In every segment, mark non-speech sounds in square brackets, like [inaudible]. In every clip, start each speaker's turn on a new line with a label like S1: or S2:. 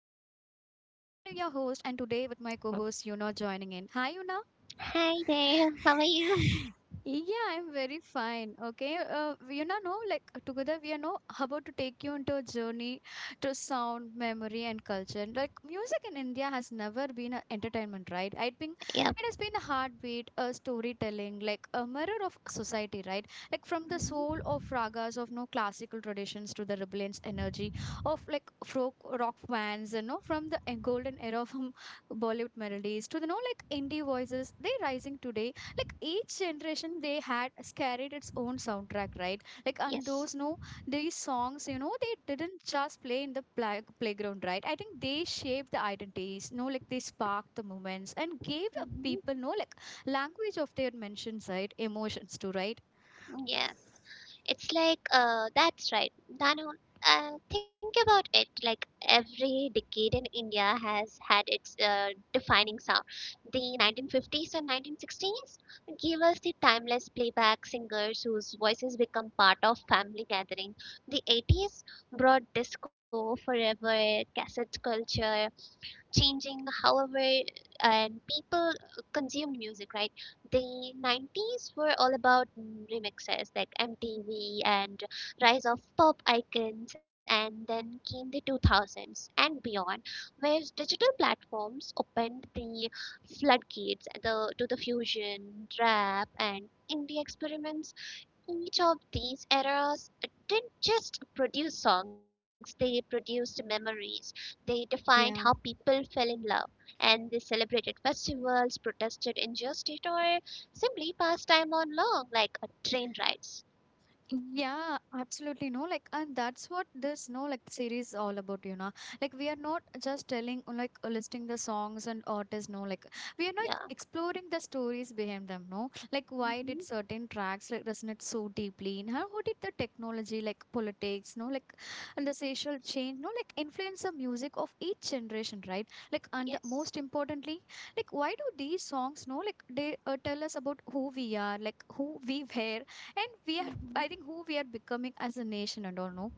S1: Generations. I'm Danu, your host, and today with my co-host Yuna joining in. Hi Yuna.
S2: Hi there, how are you?
S1: Yeah, I'm very fine. Okay. No, like together we are no about to take you into a journey to sound, memory, and culture. Like music in India has never been an entertainment, right? I think
S2: Yep.
S1: it has been a heartbeat, a storytelling, like a mirror of society, right? Like from the soul
S2: hmm
S1: of ragas of no classical traditions to the rebellious energy of like folk rock bands, and no, from the golden era of [laughs] Bollywood melodies to the no like indie voices, they rising today. Like each generation they had carried its own soundtrack, right? Like and
S2: Yes.
S1: those no these songs, they didn't just play in the playground, right? I think they shaped the identities, no, like they sparked the moments and gave a
S2: hmm
S1: people, no, like language of their mentions, right? Emotions too, right?
S2: Yes. It's like, that's right. Danu, think about it. Like every decade in India has had its defining sound. The 1950s and 1960s gave us the timeless playback singers whose voices become part of family gathering. The 80s brought disco, forever, cassette culture, changing however and people consumed music, right? The 90s were all about remixes like MTV and rise of pop icons, and then came the 2000s and beyond, where digital platforms opened the floodgates, the, to the fusion rap and indie experiments. Each of these eras didn't just produce songs, they produced memories. They defined how
S1: Yeah.
S2: people fell in love, and they celebrated festivals, protested injustice, or simply passed time on long, like a train rides.
S1: Yeah, absolutely no. Like, and that's what this no like series all about. Like, we are not just telling like listing the songs and artists, no. Like, we are like
S2: Yeah.
S1: exploring the stories behind them, no. Like, why did
S2: hmm
S1: certain tracks like resonate so deeply? And how did the technology, like politics, no, like and the social change, no, like influence the music of each generation, right? Like, and the,
S2: Yes.
S1: most importantly, like why do these songs, no, like they tell us about who we are, like who we were, and we are
S2: hmm
S1: I think who we are becoming as a nation and all no.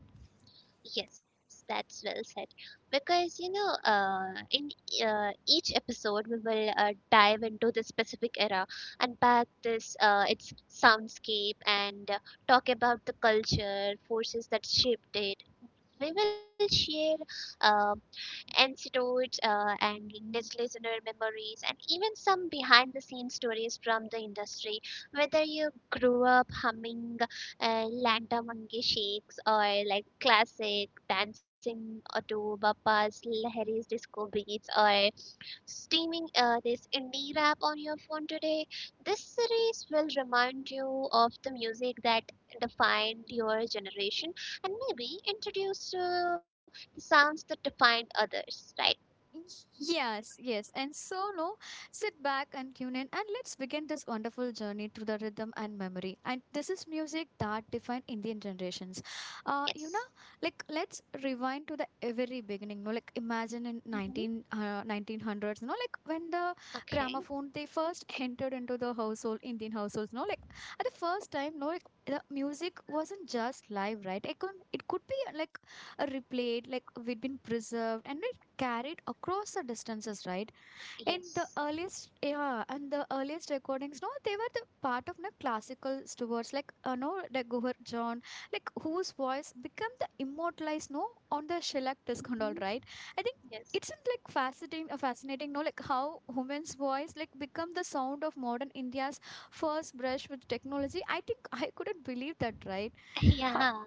S2: Yes, that's well said. Because you know, in each episode, we will dive into the specific era, unpack this its soundscape, and talk about the culture forces that shaped it. We will share uh, anecdotes and niche listener memories, and even some behind the scenes stories from the industry. Whether you grew up humming Lanta Monkey Shakes or like classic dancing to Bapa's Lahiri's disco beats or steaming this indie rap on your phone today. This series will remind you of the music that defined your generation and maybe introduce the sounds that defined others, right?
S1: Yes, yes. And so, no, sit back and tune in and let's begin this wonderful journey through the rhythm and memory. And this is music that defined Indian generations. Uh, you know,
S2: Yes.
S1: like let's rewind to the very beginning. No, like imagine in
S2: hmm
S1: 1900s, no, like when the
S2: Okay.
S1: gramophone they first entered into the household, Indian households, no, like at the first time, no, like the music wasn't just live, right? It could be like replayed, like we'd been preserved and carried across the distances, right? In the
S2: Yes.
S1: earliest, yeah, and the earliest recordings, no, they were the part of the classical stewards, like, no, like Guhar John, like whose voice became the immortalized, no, on the shellac disc and
S2: hmm
S1: all, right? I think
S2: Yes.
S1: it's in, like fascinating, no, like how women's voice like become the sound of modern India's first brush with technology. I think I couldn't believe that, right?
S2: [laughs]
S1: How?
S2: Yeah.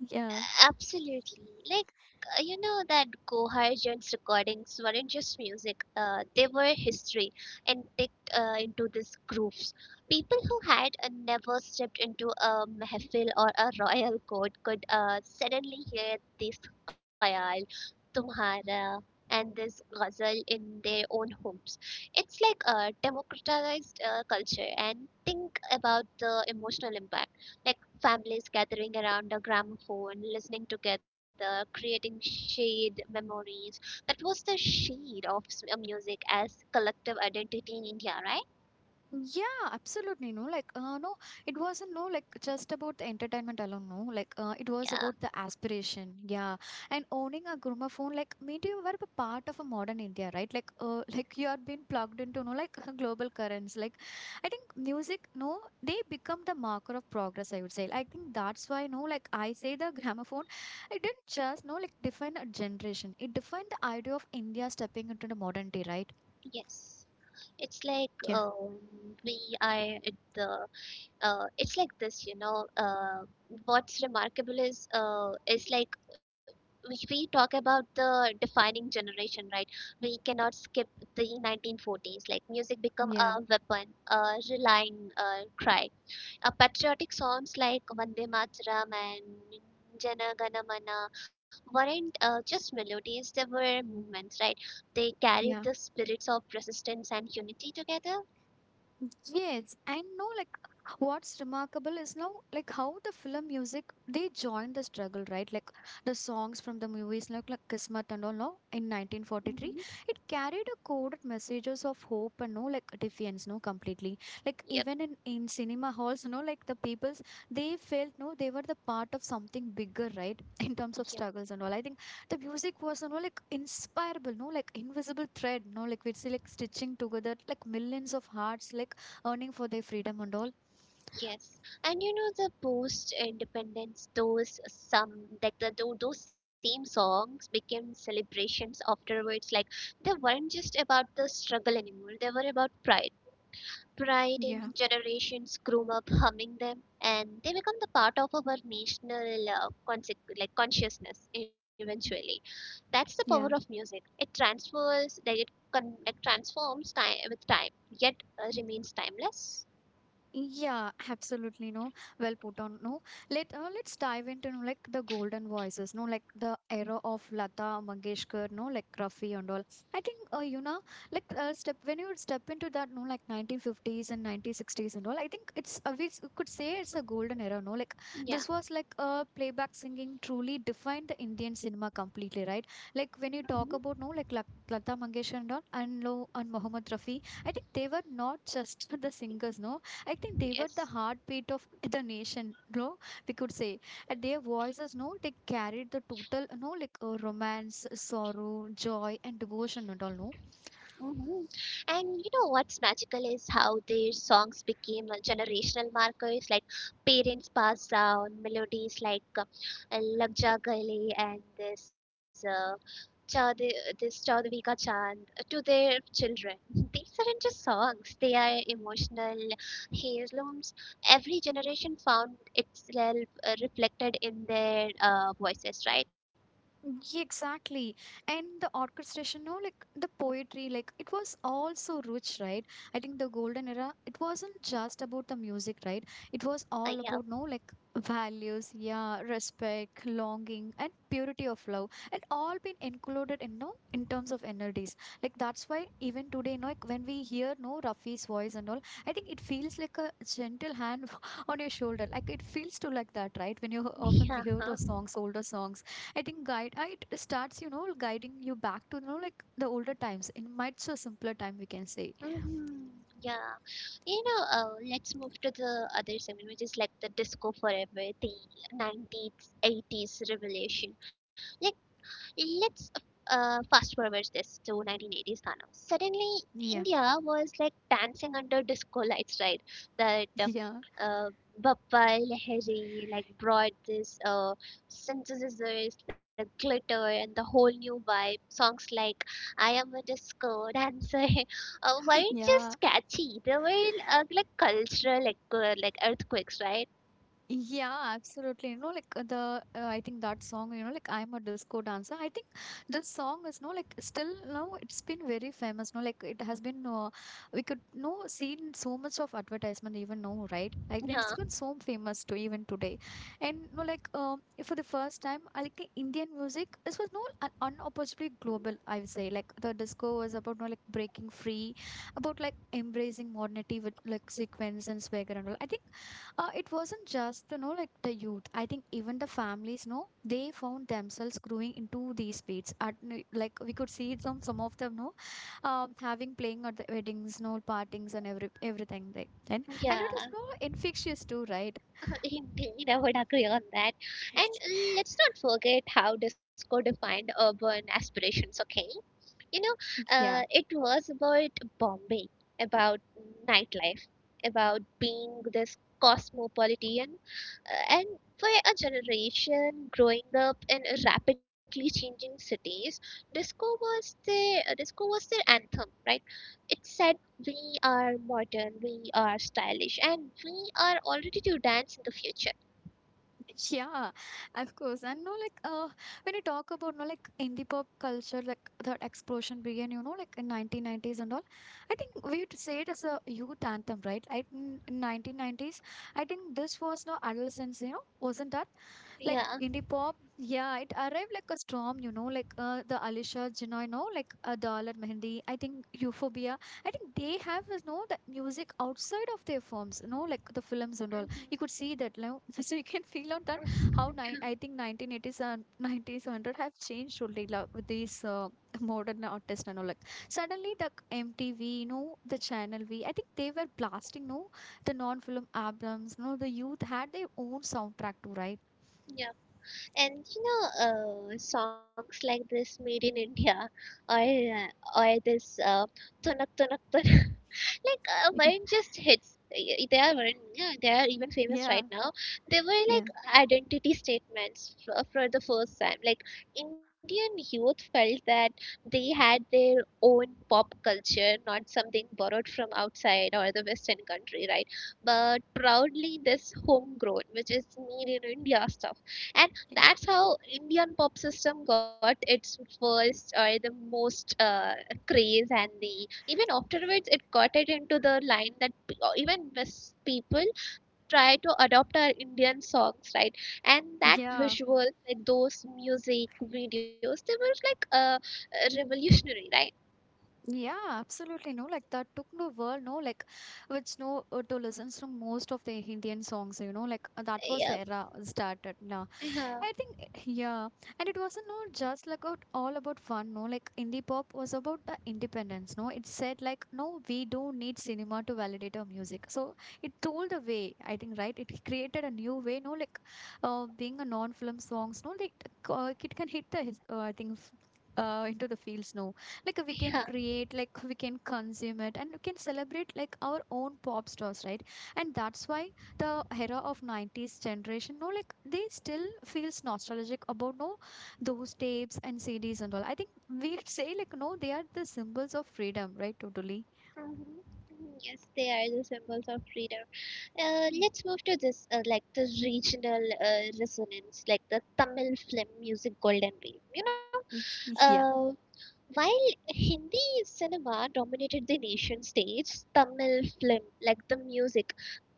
S1: Yeah.
S2: Absolutely. Like, you know, that Goharjan's recordings weren't just music, they were history and ticked into these grooves. People who had never stepped into a mehfil or a royal court could suddenly hear this khayal, tumhara, and this ghazal in their own homes. It's like a democratized culture, and think about the emotional impact. Like, families gathering around a gramophone, listening together, creating shared memories. That was the shade of music as collective identity in India, right?
S1: Yeah, absolutely. No, like, no, it wasn't, no, like, just about the entertainment alone. No, like, it was
S2: Yeah,
S1: about the aspiration. Yeah. And owning a gramophone, like, mean you were a part of a modern India, right? Like, [laughs] like you are being plugged into, no, like, [laughs] global currents. Like, I think music, no, they become the marker of progress, I would say. I think that's why, no, like, I say the gramophone, it didn't just, no, like, define a generation. It defined the idea of India stepping into the modernity, right?
S2: yes. It's like
S1: Yeah.
S2: we are at the. It's like this, you know. What's remarkable is like we talk about the defining generation, right? We cannot skip the 1940s. Like music become
S1: Yeah.
S2: a weapon, a relying cry. Patriotic songs like Vande Mataram and Jana Gana Mana weren't just melodies; they were movements, right? They carried the
S1: Yeah.
S2: spirits of resistance and unity together.
S1: Yes, and no, like what's remarkable is now like how the film music they joined the struggle, right? Like the songs from the movies, like Kismet and all, no, in 1943,
S2: hmm
S1: it carried a coded messages of hope and no, like defiance, no, completely. Like
S2: Yep.
S1: even in cinema halls, like the peoples they felt no, they were the part of something bigger, right? [laughs] In terms of
S2: Yep.
S1: struggles and all. I think the music was, like inspirable, no, like invisible thread, no, like we'd see like stitching together like millions of hearts, like earning for their freedom and all.
S2: Yes, and you know the post-independence, those some like those same songs became celebrations afterwards. Like they weren't just about the struggle anymore; they were about pride. Pride
S1: Yeah.
S2: in generations grew up humming them, and they become the part of our national like consciousness. Eventually, that's the power of
S1: Yeah.
S2: music. It transfers, like like transforms time with time, yet remains timeless.
S1: Yeah, absolutely. No, well put on. No, let's dive into no, like the golden voices. No, like the era of Lata Mangeshkar. No, like Rafi and all. I think like step when you step into that. No, like 1950s and 1960s and all. I think it's we could say it's a golden era. No, like
S2: Yeah.
S1: this was like playback singing truly defined the Indian cinema completely. Right, like when you
S2: hmm
S1: talk about no, like Lata Mangeshkar and all, and Lo and Mohammed Rafi. I think they were not just [laughs] the singers, no I think they were the
S2: Yes.
S1: heartbeat of the nation, no? We could say. And their voices, no, they carried the total, no, like romance, sorrow, joy, and devotion and all, no?
S2: Mhm. And you know what's magical is how their songs became generational markers, like parents passed down melodies like Lag Ja Gale and this Chaud this Chaudhary Ka Chand to their children. [laughs] These aren't just songs; they are emotional heirlooms. Every generation found itself reflected in their voices, right?
S1: Yeah, exactly. And the orchestration, no, like the poetry, like it was all so rich, right? I think the golden era, it wasn't just about the music, right? It was all
S2: Yeah,
S1: about, no, like values, yeah, respect, longing, and purity of love, and all been included in, no, in terms of energies. Like that's why even today, no, like when we hear, no, Rafi's voice and all, I think it feels like a gentle hand [laughs] on your shoulder. Like it feels to like that, right? When you
S2: [laughs]
S1: often
S2: yeah.
S1: hear
S2: Huh?
S1: those songs, older songs I think it starts, guiding you back to like the older times. In might so simpler time we can say.
S2: Mhm. Yeah, you know, let's move to the other segment, which is like the disco forever, the 90s, 80s revelation. Like, let's fast forward this to 1980s Thana. Suddenly,
S1: Yeah.
S2: India was like dancing under disco lights, right? That
S1: [laughs] Yeah.
S2: uh, Bappa, Lahiri, like brought this synthesizers, the glitter, and the whole new vibe. Songs like I Am a Disco Dancer [laughs]
S1: [laughs]
S2: weren't
S1: Yeah.
S2: just catchy, they were like cultural like earthquakes, right?
S1: Yeah, absolutely. Like the I think that song, like I'm a disco dancer. I think the song is no like still now it's been very famous. No, like it has been we could no seen so much of advertisement even now, right? Like then it's
S2: Yeah,
S1: been so famous to even today. And no, like for the first time, I like Indian music. This was no an unopposably global. I would say like the disco was about no like breaking free, about like embracing modernity with like sequence and swagger and all. I think it wasn't just like the youth. I think even the families, no, they found themselves growing into these plates. At like we could see some of them, no, having playing at the weddings, no partings and every everything. Like and it was
S2: yeah.
S1: so infectious too, right?
S2: [laughs] Indeed, I would agree on that. And
S1: [laughs]
S2: let's not forget how disco defined urban aspirations, okay? You know,
S1: Yeah.
S2: it was about Bombay, about nightlife, about being this cosmopolitan, and for a generation growing up in rapidly changing cities, disco was their anthem, right? It said, "We are modern, we are stylish, and we are all ready to dance in the future."
S1: [laughs] Yeah, of course. And no, like when you talk about no, like indie pop culture, like that explosion began, like in 1990s and all. I think we'd say it as a youth anthem, right? I in 1990s, I think this was no adolescence, wasn't that? Like
S2: Yeah.
S1: indie pop, yeah, it arrived like a storm, like the Alisha Jinoy, like Dollar Mehendi. I think Euphorbia. I think they have, that music outside of their forms, like the films and all.
S2: hmm
S1: You could see that, [laughs] so you can feel out that how
S2: hmm
S1: I think 1980s and 90s, 100 have changed totally like, with these modern artists and all. Like suddenly the MTV, the Channel V. I think they were blasting, no, the non-film albums. No, the youth had their own soundtrack too, right?
S2: Yeah. And you know, songs like this made in India [laughs] or uh, or this Tunak Tunak Tunak [laughs] like weren't
S1: [laughs]
S2: just hits. They are weren't, yeah, they are even famous
S1: Yeah.
S2: right now. They were
S1: Yeah.
S2: like identity statements for the first time. Like Indian youth felt that they had their own pop culture, not something borrowed from outside or the Western country, right? But proudly this homegrown, which is made in India stuff, and
S1: Y-
S2: that's how Indian pop system got its first or the most craze, and the even afterwards it got it into the line that even West people try to adopt our Indian songs, right? And that
S1: Yeah.
S2: visual, like those music videos, they were like revolutionary, right?
S1: Yeah, absolutely. No, like that took no world, no, like which no to listen to most of the Indian songs, like that was
S2: yeah
S1: the era started. Now
S2: yeah
S1: I think, yeah. And it wasn't no, just like out, all about fun, no? Like, indie pop was about the independence, no? It said, like, no, we don't need cinema to validate our music. So it told the way, I think, right? It created a new way, no? Like, being a non film songs, no? Like, it can hit the, I think, into the fields, no? Like, we
S2: yeah.
S1: can create, like, we can consume it, and we can celebrate, like, our own pop stars, right? And that's why the era of 90s generation no like they still feels nostalgic about no those tapes and CDs and all I think we say like no they are the symbols of freedom right totally.
S2: Mhm. Mhm. Yes, they are the symbols of freedom.
S1: Mm,
S2: Let's move to this, like the regional resonance, like the Tamil film music golden wave. You know,
S1: mm. Yeah,
S2: uh, while Hindi cinema dominated the nation stage, Tamil film, like the music,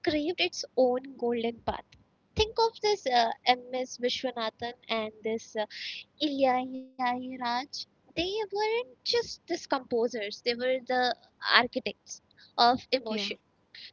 S2: craved its own golden path. Think of this M.S. Vishwanathan and this Ilya Yayaraj, they weren't just these composers, they were the architects of
S1: yeah.
S2: emotion.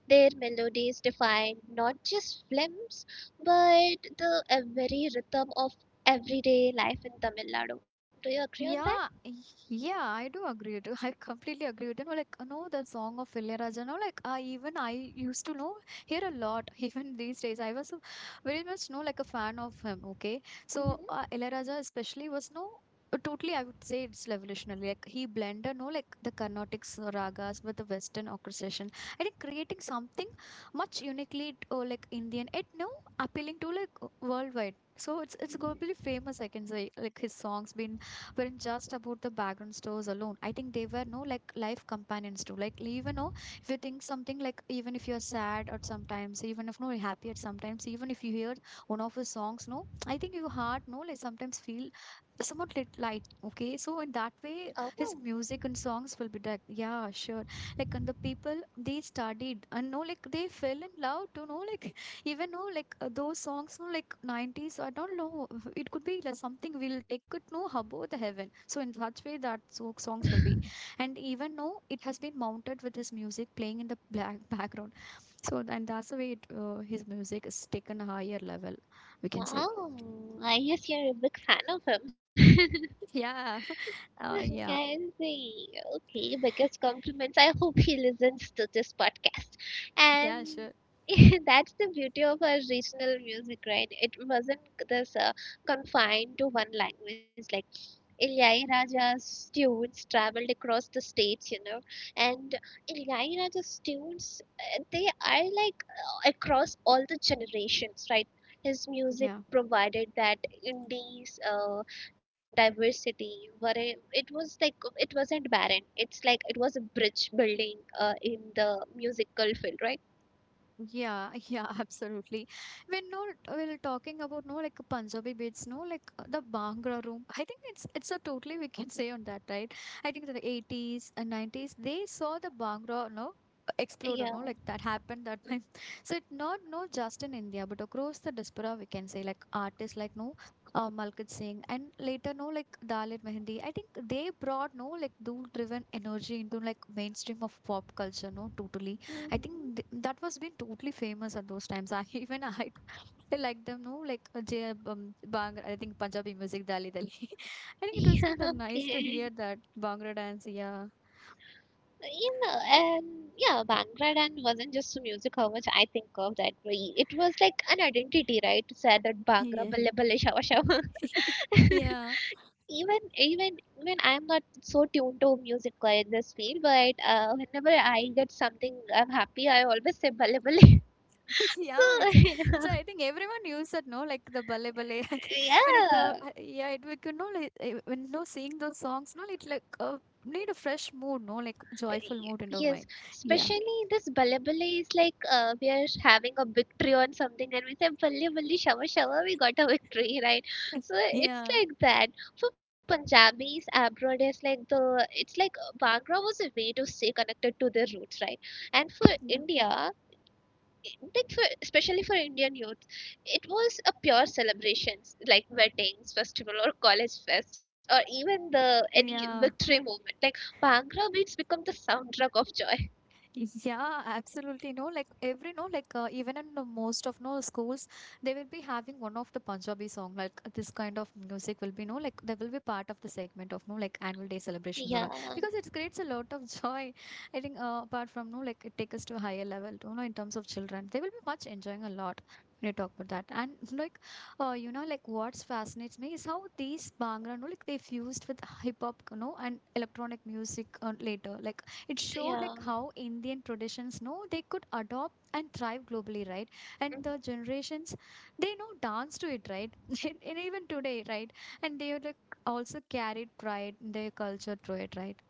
S2: Their melodies defined not just films, but the very rhythm of everyday life in Tamil Nadu. Do you agree on that?
S1: Yeah, yeah, I do agree with you. I completely agree with you. No, like, no, the song of Ilayaraja. No, like, I even I used to know hear a lot. [laughs] Even these days, I was so very much no like a fan of him. Okay, so
S2: hmm
S1: Ilayaraja especially was no totally. I would say it's revolutionary. Like he blended no like the Carnatic ragas with the Western orchestration. I think creating something much uniquely like Indian. It no appealing to like worldwide. So it's globally famous. I can say like his songs been weren't just about the background stores alone. I think they were no like life companions too. Like even though if you think something like even if you're sad at sometimes, even if no you're happy at sometimes, even if you hear one of his songs, no, I think your heart no like sometimes feel somewhat lit light. Okay. So in that way
S2: Oh,
S1: his music and songs will be like, yeah, sure. Like and the people they studied and no like they fell in love to know like even know like those songs no like 90s I don't know [laughs] it could be like something will take it no above the heaven so in such way that so songs will be and even though it has been mounted with his music playing in the black [laughs] background so and that's the way it, his music is taken a higher level we can say.
S2: wow. I guess you're a big fan of him. [laughs]
S1: Yeah. [laughs]
S2: [laughs]
S1: Yeah,
S2: I see. Okay, biggest compliments. I hope he listens to this podcast. And
S1: yeah, sure,
S2: [laughs] that's the beauty of our regional music, right? It wasn't this confined to one language. Like Ilaiyaraaja's students traveled across the states, you know, and Ilaiyaraaja's tunes, they are like across all the generations, right? His music
S1: yeah.
S2: provided that Indies diversity, where it was like it wasn't barren. It's like it was a bridge building in the musical field, right?
S1: Yeah, [laughs] yeah, absolutely. When no, we're talking about no, like Punjabi beats, no, like the Bhangra room. I think it's a totally we can [laughs] say on that, right? I think the 80s and 90s they saw the Bhangra, no, explode, or no, like
S2: Yeah.
S1: that happened that time. [laughs] So it's not no just in India, but across the diaspora we can say like artists like no, Malkit Singh and later no like Dalit Mehendi. I think they brought no like dual driven energy into like mainstream of pop culture, no, totally. I
S2: Mhm.
S1: think th
S2: [laughs]
S1: that was been totally famous at those times. I [laughs] even I like them, no, like J Bhangra, I think Punjabi music, Dali Dali. [laughs] I think it was
S2: Yeah.
S1: been nice to
S2: Okay.
S1: hear that Bhangra dance. Yeah,
S2: You and yeah, Bhangra dance wasn't just a music, how much I think of that way. It was like an identity, right? To say that Bhangra,
S1: yeah,
S2: balle balle, shawa shawa. [laughs]
S1: yeah,
S2: Even even even I'm not so tuned to music or in this field, but whenever I get something I'm happy, I always say balle balle.
S1: [laughs]
S2: [laughs]
S1: yeah.
S2: So [laughs]
S1: I think everyone used it, no, like the bale bale. [laughs] I think when it,
S2: yeah,
S1: yeah, it we could know like when no singing those songs, no, it like need a fresh mood, no, like joyful
S2: Y-
S1: mood into
S2: yes,
S1: mind. Yeah,
S2: especially this balle balle is like we are having a victory on something, and we say balle balle shawa shawa, we got a victory [laughs] right? So it's
S1: yeah,
S2: like that. For Punjabis abroad is like the, it's like Bhangra was a way to stay connected to their roots, right? And for
S1: yeah.
S2: India, like for especially for Indian youth, it was a pure celebrations like weddings, festival or college fest or even the any victory
S1: Yeah.
S2: movement. Like Bhangra beats become the soundtrack of joy.
S1: Yeah, absolutely. No, like every no, like even in the most of no schools, they will be having one of the Punjabi song. Like this kind of music will be no, like they will be part of the segment of no, like annual day
S2: Yeah,
S1: celebrations or because it creates a lot of [laughs] joy. I think apart from no, like it takes us to a higher level. You know, in terms of children, they will be much enjoying a lot when you talk about that. And like, you know, like what's fascinates me is how these Bhangra, no, like they fused with hip hop, you know, and electronic music later, like it showed
S2: yeah.
S1: like how Indian traditions know they could adopt and thrive globally, right? And
S2: Mhm.
S1: the generations they know dance to it, right? [laughs] And even today, right? And they like also carried pride in their culture through it, right?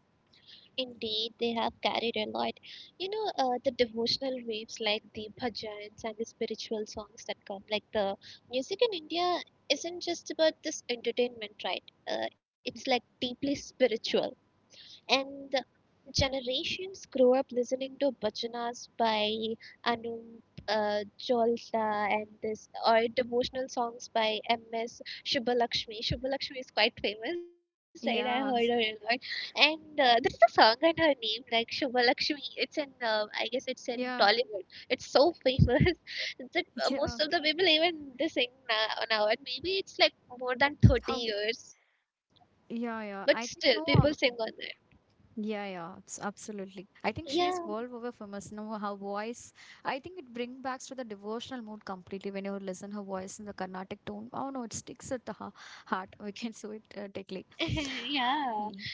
S2: Indeed, they have carried a lot. You know, the devotional waves like the bhajans and the spiritual songs that come. Like the music in India isn't just about this entertainment, right? It's like deeply spiritual. And generations grow up listening to bhajanas by Anup Jolta and this, or devotional songs by M.S. Shubhalakshmi. Shubhalakshmi is quite famous, right? I heard her a
S1: Yeah.
S2: lot. And there is a song in her name, like Shubhalakshmi. It's in, I guess it's in
S1: Yeah.
S2: Tollywood. It's so famous [laughs] that
S1: [laughs] Yeah.
S2: most of the
S1: Okay.
S2: people even they sing now, now, and maybe it's like more than 30
S1: How?
S2: years, but
S1: Yeah,
S2: still
S1: yeah, I
S2: people
S1: think
S2: sing
S1: no
S2: on it.
S1: yeah, yeah, absolutely. I think she
S2: Yeah.
S1: is world over famous. You know, her voice, I think it brings back to the devotional mood completely when you listen her voice in the Carnatic tone. Oh no, it sticks at the heart. We can [laughs] so it
S2: [laughs]
S1: directly.
S2: Yeah. So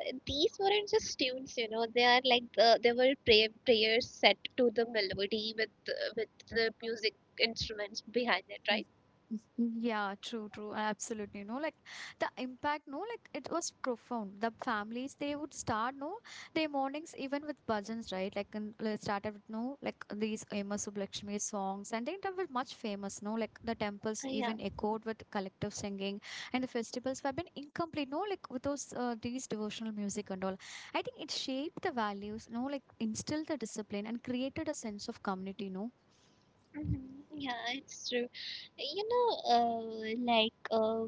S2: these weren't just tunes, you know. They are like they were prayers set to the melody with the music instruments behind it,
S1: Mm,
S2: right?
S1: mm. Yeah, true, true. Absolutely. No, like the impact, no, like it was profound. The families, they would start, no, their mornings even with bhajans, right? Like, and they started with, no, like these Emma Subbulakshmi songs, and they were much famous, no, like the temples
S2: Yeah.
S1: even echoed with collective singing, and the festivals have been incomplete, no, like with those, these devotional music and all. I think it shaped the values, no, like instilled the discipline and created a sense of community, no.
S2: hmm Yeah, it's true. You know, uh, like uh,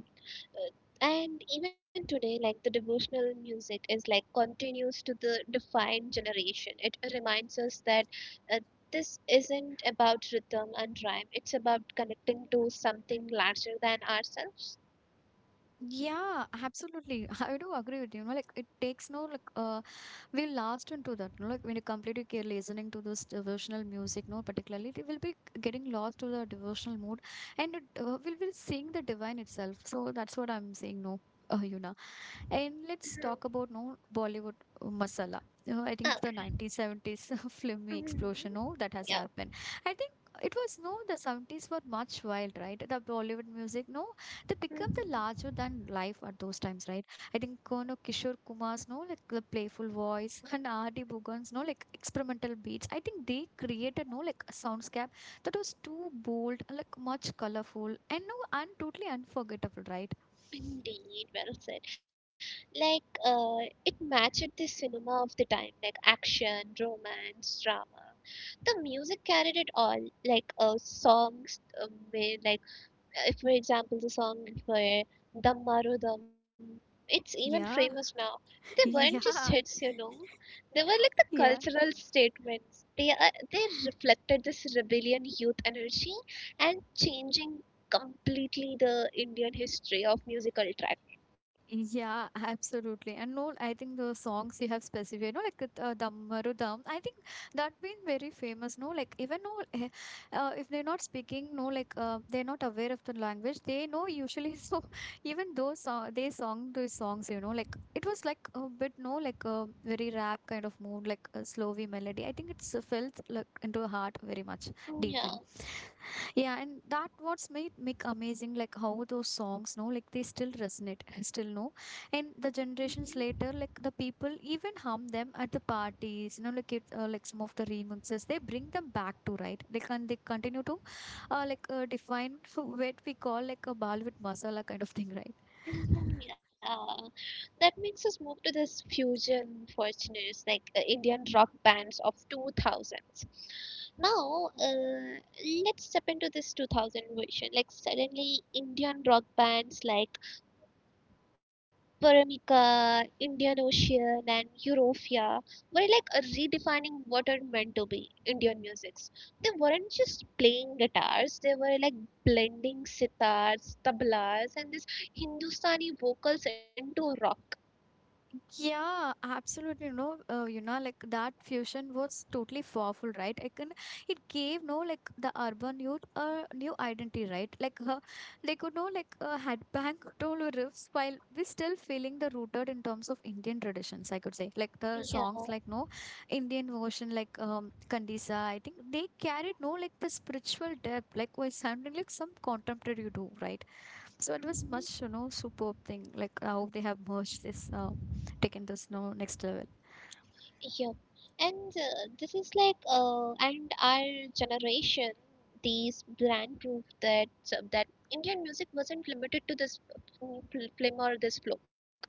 S2: Uh, and even today like the devotional music is like continues to the defined generation, it reminds us that uh, this isn't about rhythm and rhyme, it's about connecting to something larger than ourselves.
S1: Yeah, absolutely. [laughs] I do agree with you. You know, like it takes no like we last into that. You know, like when you completely care listening to those devotional music, no, particularly they will be getting lost to the devotional mood, and it will seeing the divine itself. So that's what I'm saying. No, [laughs] Yuna. And
S2: Mhm.
S1: let's talk about no Bollywood masala. I think the
S2: Okay.
S1: 1970s [laughs] filmy
S2: Mhm.
S1: explosion, no, that has
S2: Yeah.
S1: happened. I think it was no the 70s were much wild, right? The Bollywood music, no, they become
S2: Mhm.
S1: the larger than life at those times, right? I think Kono Kishore Kumar's, no, like the playful voice [laughs] and R.D. Bhugan's, no, like experimental beats. I think they created, no, like a soundscape that was too bold, like much colorful and no, and totally unforgettable, right?
S2: Indeed, well said. Like, it matched the cinema of the time, like action, romance, drama. The music carried it all, like songs, with, like if, for example, the song by Dam Maro Dam, it's even famous
S1: Yeah,
S2: now. They weren't
S1: [laughs]
S2: just hits,
S1: yeah,
S2: you know. They were like the
S1: yeah.
S2: cultural statements. They reflected this rebellion youth energy and changing completely the Indian history of musical track.
S1: Yeah, [laughs] absolutely. And no, I think the songs you have specified, no, like the Damaru Dam, I think that been very famous. No, like even no, if they're not speaking, no, like they're not aware of the language, they know usually. [laughs] So even those song, they song those songs, you know, like it was like a bit no, like a very rap kind of mood, like a slowy melody. I think it's felt like into the heart very much
S2: Mm, yeah.
S1: deeply. Yeah, and that what's made Mick amazing, like how those songs, no, like they still resonate, [laughs] still no, and the generations
S2: Mhm.
S1: later, like the people even hum them at the parties, you know, like it, like some of the remixes, they bring them back to right, like and they continue to, like define [laughs] for what we call like a Bollywood masala kind of thing, right?
S2: Mhm, yeah, that makes us move to this fusion fortunes like Indian rock bands of 2000s. Now, let's step into this 2000 version. Like suddenly, Indian rock bands like Paramika, Indian Ocean, and Europia were like a redefining what are meant to be Indian musics. They weren't just playing guitars; they were like blending sitars, tablas, and this Hindustani vocals into rock.
S1: Yeah, absolutely. No, you know, like that fusion was totally powerful, right? It gave no like the urban youth a new identity, right? Like they could know like had bank toll or riffs while we still feeling the rooted in terms of Indian traditions. I could say like the
S2: Yeah.
S1: songs like no Indian version like Kandisa. I think they carried no like the spiritual depth, like was sounding like some contemporary do, right? So it was
S2: Mhm.
S1: much, you know, superb thing, like how they have merged this, taken this, no, next level.
S2: Yup. And This is like, and our generation, these bland proof that that Indian music wasn't limited to this film or this folk, right?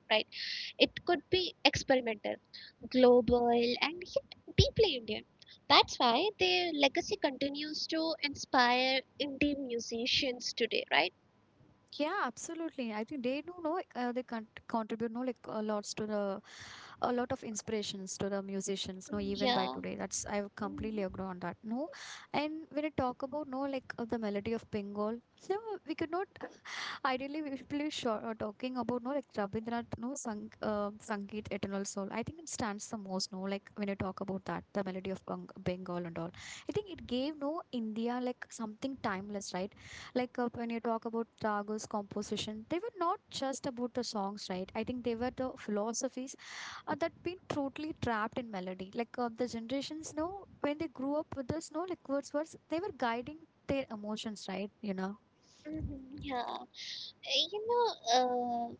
S2: It could be experimental, global, and yet deeply Indian. That's why their legacy continues to inspire indie musicians today, right?
S1: Yeah, absolutely. I think they do know like, they contribute no like a lots to the a lot of inspirations to the musicians. No,
S2: Mm,
S1: even by
S2: yeah.
S1: today, that's I would
S2: Mm,
S1: completely agree on that. No, and when I talk about no like the melody of Bengal, no, we could not ideally, if we sure are talking about no like Rabindranath, no sang, Sangeet, Eternal Soul. I think it stands the most. No, like when you talk about that, the melody of Bengal and all. I think it gave no India like something timeless, right? Like when you talk about Ragu's composition, they were not just about the songs, right? I think they were the philosophies that been totally trapped in melody. Like the generations, no, when they grew up with us, no, like Wordsworth, they were guiding their emotions, right? You know.
S2: mhm, yeah. You know, Uh.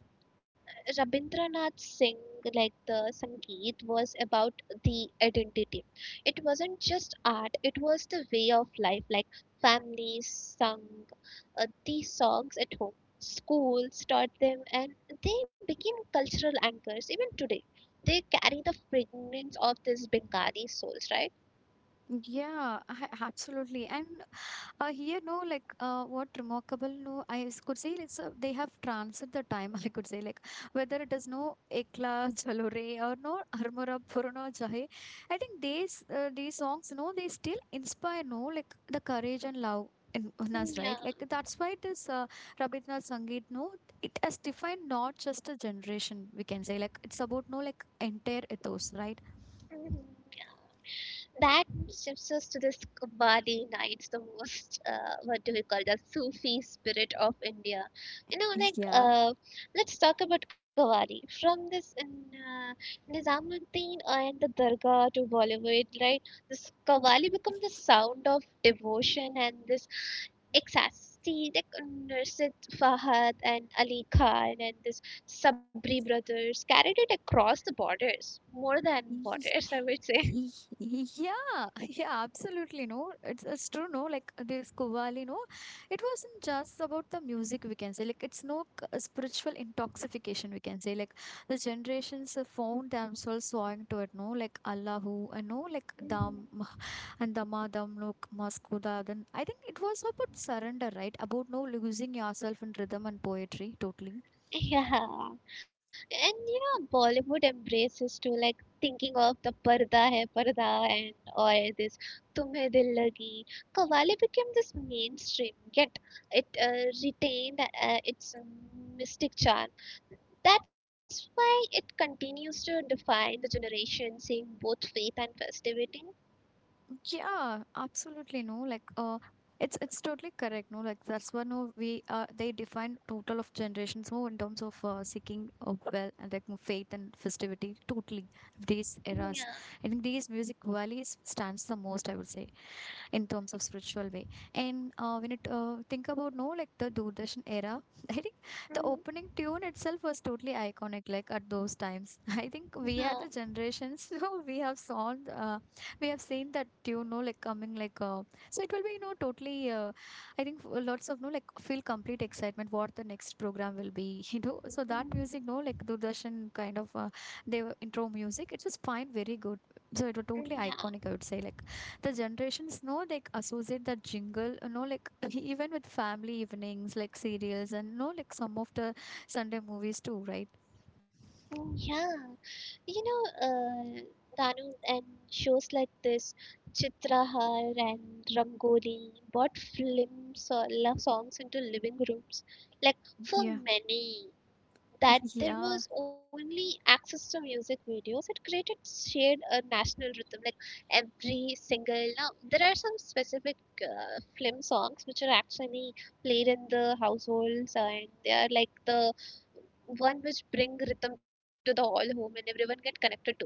S2: Rabindranath Singh, like the Sangeet, was about the identity. It wasn't just art, it was the way of life, like families sung these songs at home, schools taught them, and they became cultural anchors even today. They carry the fragrance of this Bengali souls, right?
S1: Yeah, absolutely. And here, no, like what remarkable, no, I could say like they have transcended the time. [laughs] I could say like whether it is no Ekla Chalore or no Armora Purana Jahe, I think these songs, no, they still inspire, no, like the courage and love. In us,
S2: Mm, yeah.
S1: right? Like that's why this Rabindranath Sangeet, no, it has defined not just a generation. We can say like it's about no like entire ethos, right?
S2: Mhm. That shifts us to this Kumbani nights, the most, what do we call the Sufi spirit of India. You know, like,
S1: Yeah.
S2: let's talk about Kawadi. From this Nizamuddin and the Dargah to Bollywood, right? This Kawali become the sound of devotion and this exactly, like Nursit Fahad and Ali Khan and this Sabri brothers carried it across the borders, more than
S1: [laughs]
S2: borders, I would say.
S1: Y- Yeah, [laughs] yeah, absolutely. No, it's true. No, like this Qawwali, no, it wasn't just about the music, we can say. Like, it's no spiritual intoxication, we can say. Like, the generations have found themselves sawing to it, no, like Allahu, and no, like Dham [sighs]
S2: [laughs]
S1: and Dhamadam, no, Maskuda. Then I think it was about surrender, right? About no losing yourself in rhythm and poetry, totally.
S2: Yeah. And you know, Bollywood embraces to like thinking of the Parda Hai Parda and or this Tumhe Dil Lagi. Kawali became this mainstream, yet it retained its mystic charm. That's why it continues to define the generation, seeing both faith and festivity.
S1: Yeah, absolutely. No, like it's totally correct. No, like that's one of we they define total of generations. No, in terms of seeking of well and like more faith and festivity. Totally these
S2: Mm, yeah.
S1: eras. I think these music values stands the most. I would say in terms of spiritual way. And when it think about no like the Doordarshan era, [laughs] I think the
S2: Mhm.
S1: opening tune itself was totally iconic. Like at those times, [laughs] I think
S2: Yeah.
S1: we are the generations [laughs] who we have song. We have seen that you know like coming like so it will be you know totally I think lots of no like feel complete excitement what the next program will be [laughs] you know so that
S2: Mhm.
S1: music no like Doordarshan kind of they intro music, it was fine, very good. So it was totally
S2: Yeah.
S1: iconic, I would say. Like the generations, no, like associate that jingle, you know, like [laughs] even with family evenings, like serials and, no, like some of the sunday movies too, right?
S2: Mm, yeah. You know, Danu and shows like this, Chitrahar and Rangoli brought films or love songs into living rooms. Like for
S1: Yeah,
S2: many that
S1: [laughs]
S2: there
S1: yeah.
S2: was only access to music videos, it created shared a national rhythm. Like every single now there are some specific film songs which are actually played in the households, and they are like the one which bring rhythm to the whole home and everyone get connected to it, right?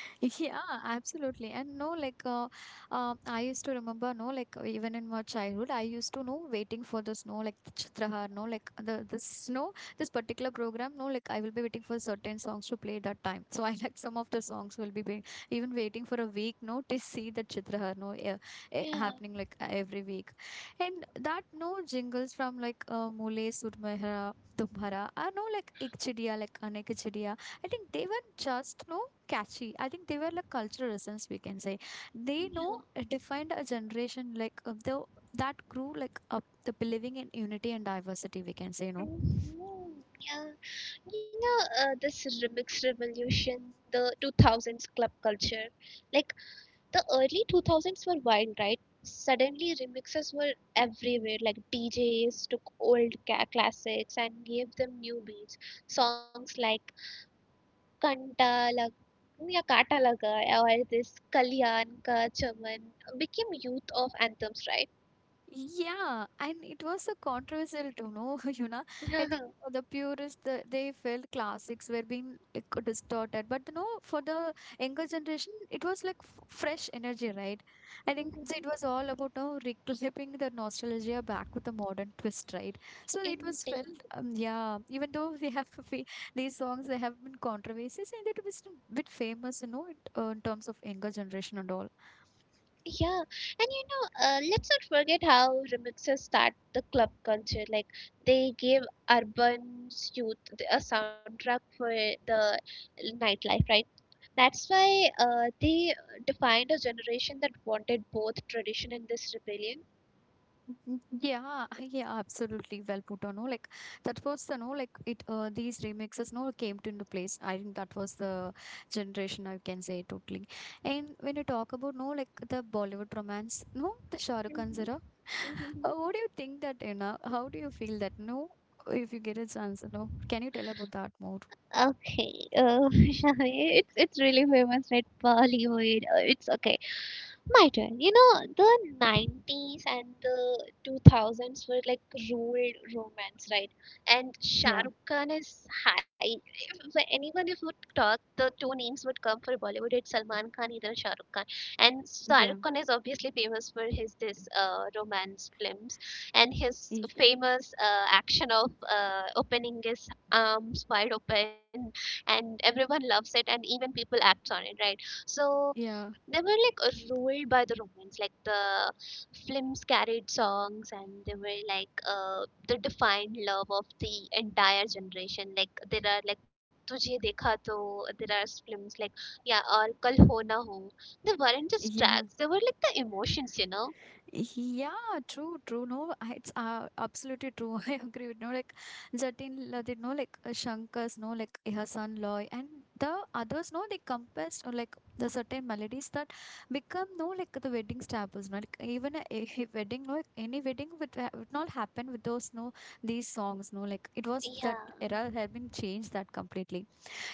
S1: [laughs] Yeah, absolutely. And no, like I used to remember, no, like even in my childhood, I used to know waiting for the snow, like the Chitrahar, no, like the snow, this particular program, no, like I will be waiting for certain songs to play that time. So [laughs] I like some of the songs will be, even waiting for a week, no, to see the Chitrahar, no, yeah,
S2: Yeah,
S1: happening like every week, and that no jingles from like Mule Sudmehra. Tumhara, I no, like ik chidiya, like anek I think they were just no catchy. I think they were like cultural essence, we can say. They
S2: yeah.
S1: know defined a generation like the that grew like up the believing in unity and diversity, we can say, you know.
S2: Hmm, yeah. You know, this remix revolution, the 2000s club culture. Like the early 2000s were wild, right? Suddenly, remixes were everywhere. Like DJs took old classics and gave them new beats. Songs like Kanta Lag या Kata Laga or this Kalyan Ka Chaman became youth of anthems, right?
S1: Yeah, and it was a controversial to know, [laughs] you know. I think for
S2: [laughs]
S1: the purists, they felt classics were being like distorted, but you know, for the younger generation, it was like f fresh energy, right? I think
S2: Mhm.
S1: so it was all about now reclaiming the nostalgia back with a modern twist, right? So it
S2: In
S1: was felt,
S2: time,
S1: yeah. Even though they have [laughs] these songs, they have been controversies, and it was a bit famous, you know, in terms of younger generation and all.
S2: yeah, and you know, let's not forget how remixes start the club culture. Like they gave urban's youth a soundtrack for the nightlife, right? That's why they defined a generation that wanted both tradition and this rebellion.
S1: Mhm. Yeah, [laughs] yeah, absolutely. Well put on. No, like that was the no, like it. These remixes no came to into place. I think that was the generation, I can say, totally. And when you talk about no, like the Bollywood romance, no, the Shah Rukh Khan's
S2: Mhm,
S1: era. [sighs] [laughs] What
S2: mhm.
S1: do you think that you know? How do you feel that? No, if you get a chance, no, can you tell about that more?
S2: Okay, [laughs] Shami, it's really famous, right? Bollywood. It's okay. My turn. You know, the 90s and the 2000s were like ruled romance, right? And Shah
S1: Yeah,
S2: Rukh Khan is high. If anyone if would talk, the two names would come for Bollywood. It's Salman Khan, either Shah Rukh Khan. And Shah
S1: yeah,
S2: Rukh Khan is obviously famous for his this romance films and his
S1: y-
S2: famous action of opening his arms wide open, and everyone loves it, and even people act on it, right? So
S1: yeah,
S2: they were like ruled by the Romans, like the films carried songs, and they were like the defined love of the entire generation. Like there are like Tujhe Dekha To, there are films like yeah or Kal Ho Na Ho. They weren't just
S1: yeah.
S2: tracks; they were like the emotions, you know.
S1: Yeah, true, true. No, it's absolutely true. [laughs] I agree with no, like Jatin, they know like Shankar's, no, like her son Loy, and the others, no, they compassed or like the certain melodies that become no, like the wedding staples, no, like even a, a wedding, no, like, any wedding would, would not happen with those, no, these songs, no, like it was that
S2: Yeah.
S1: era had been changed that completely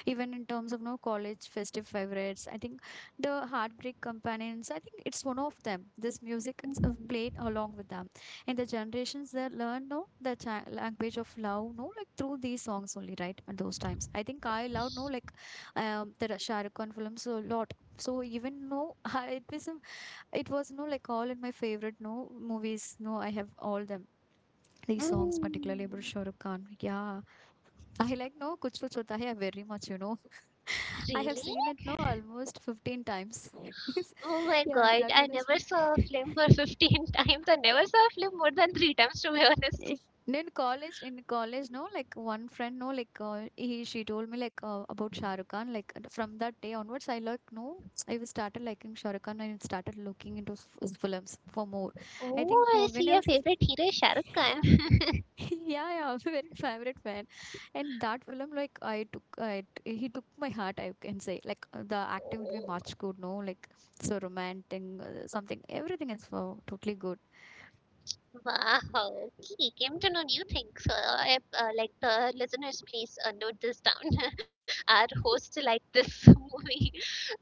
S1: even in terms of no college festive favorites. I think the heartbreak companions, I think it's one of them, this music. It's
S2: Hmm.
S1: played along with them, and the generations that learn no the language of love, no, like through these songs only, right? At those times, I think I love no like the Shah Rukh Khan films a lot. So even no [laughs] it was no like all in my favorite no movies, no, I have all them, these songs,
S2: Mm.
S1: particularly about Shahrukh Khan. Yeah, I like no Kuch Kuch Hota Hai very much, you know. [laughs]
S2: Really?
S1: I have seen it no almost 15 times. [laughs]
S2: Oh my
S1: Yeah, and
S2: god,
S1: that
S2: I
S1: was
S2: never saw a film for [laughs] 15 times. I never saw a film more than three times, to be honest.
S1: Eh, నేను college in college no like one friend no like ఈ she told [laughs] like like about Shahrukh Khan like from that day onwards I like no I will started liking Shahrukh Khan I started looking in to films for more I think
S2: Oh, I see
S1: when I
S2: your
S1: was
S2: favorite hero is Shah Rukh
S1: [laughs]
S2: Khan. [laughs]
S1: [laughs] yeah, yeah, [laughs] very favorite fan. And that film, like, I took, he took my heart, I can say. Like, the acting would be much good, no? Like, so romantic, something, everything is so totally good.
S2: Oh, wow. Okay, came to know new things. So, like the listeners, please note this down. [laughs] Our host like this [laughs] movie.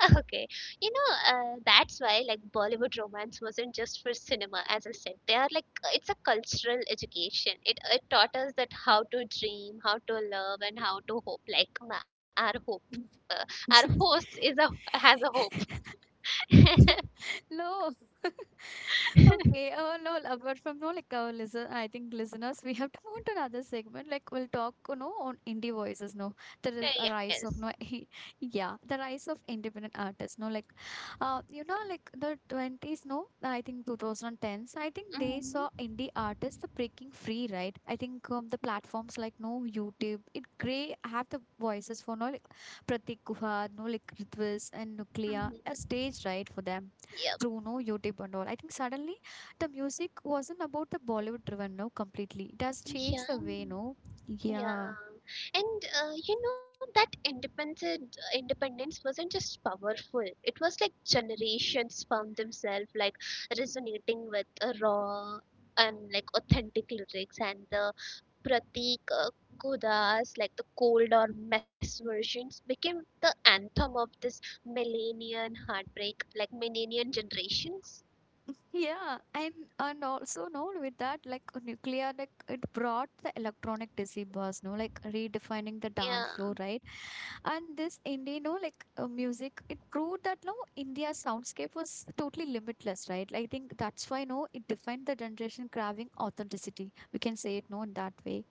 S2: [laughs] Okay, you know that's why like Bollywood romance wasn't just for cinema. As I said, they are like it's a cultural education. It taught us that how to dream, how to love, and how to hope. Like our hope, uh, our host
S1: [laughs]
S2: is a has a hope.
S1: No. [laughs] Okay.
S2: [laughs]
S1: Oh, no. Apart from no, like our listen, I think listeners, we have to move to another segment. Like we'll talk, you know, on indie voices. No, there is a rise of no,
S2: Yes.
S1: [laughs] yeah, the rise of independent artists. No, like, you know, like the 20s. No, I think two thousand tens. I think they saw
S2: Mm-hmm.
S1: indie artists the breaking free, right? I think the platforms like no YouTube, it gray have the voices for no, like Pratik Guha, no like Ritwis and Nuclea, a
S2: Mm-hmm.
S1: stage right for them.
S2: Yep.
S1: Bruno, YouTube and all. I think suddenly the music wasn't about the Bollywood driven now completely. It has changed the
S2: Yeah.
S1: way, no? Yeah.
S2: Yeah. And you know that independent independence wasn't just powerful. It was like generations found themselves like resonating with raw and like authentic lyrics, and the Pratik Kudas, like the cold or mess versions, became the anthem of this millennial heartbreak, like millennial generations.
S1: Yeah, and also no with that like nuclear like it brought the electronic dizzy buzz, no like redefining the dance
S2: Yeah.
S1: floor, right? And this indie, no like music, it proved that no India's soundscape was totally limitless, right? I think that's why no it defined the generation craving authenticity. We can say it no in that way.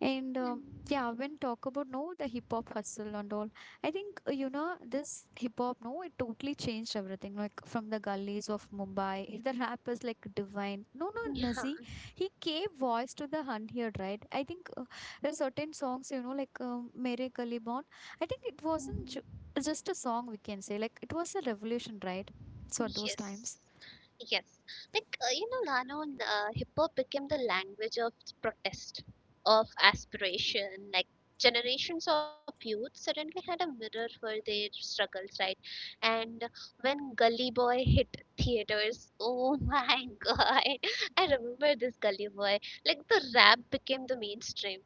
S1: And
S2: Mm.
S1: yeah, when talk about no, the hip hop hustle and all, I think you know this hip hop. No, it totally changed everything. Like from the gullies of Mumbai, the rap is like divine. No, no,
S2: Yeah.
S1: Nazi, he gave voice to the unheard, right? I think there are certain songs, you know, like "Mere Gully Bon." I think it wasn't
S2: Mhm.
S1: just a song. We can say like it was a revolution, right? So at those
S2: Yes.
S1: times.
S2: Yes. Like, you know, Lano, hip hop became the language of protest, of aspiration. Like, generations of youth suddenly had a mirror for their struggles, right? And when Gully Boy hit theaters, oh my [laughs] God, I remember this Gully Boy. Like, the rap became the mainstream.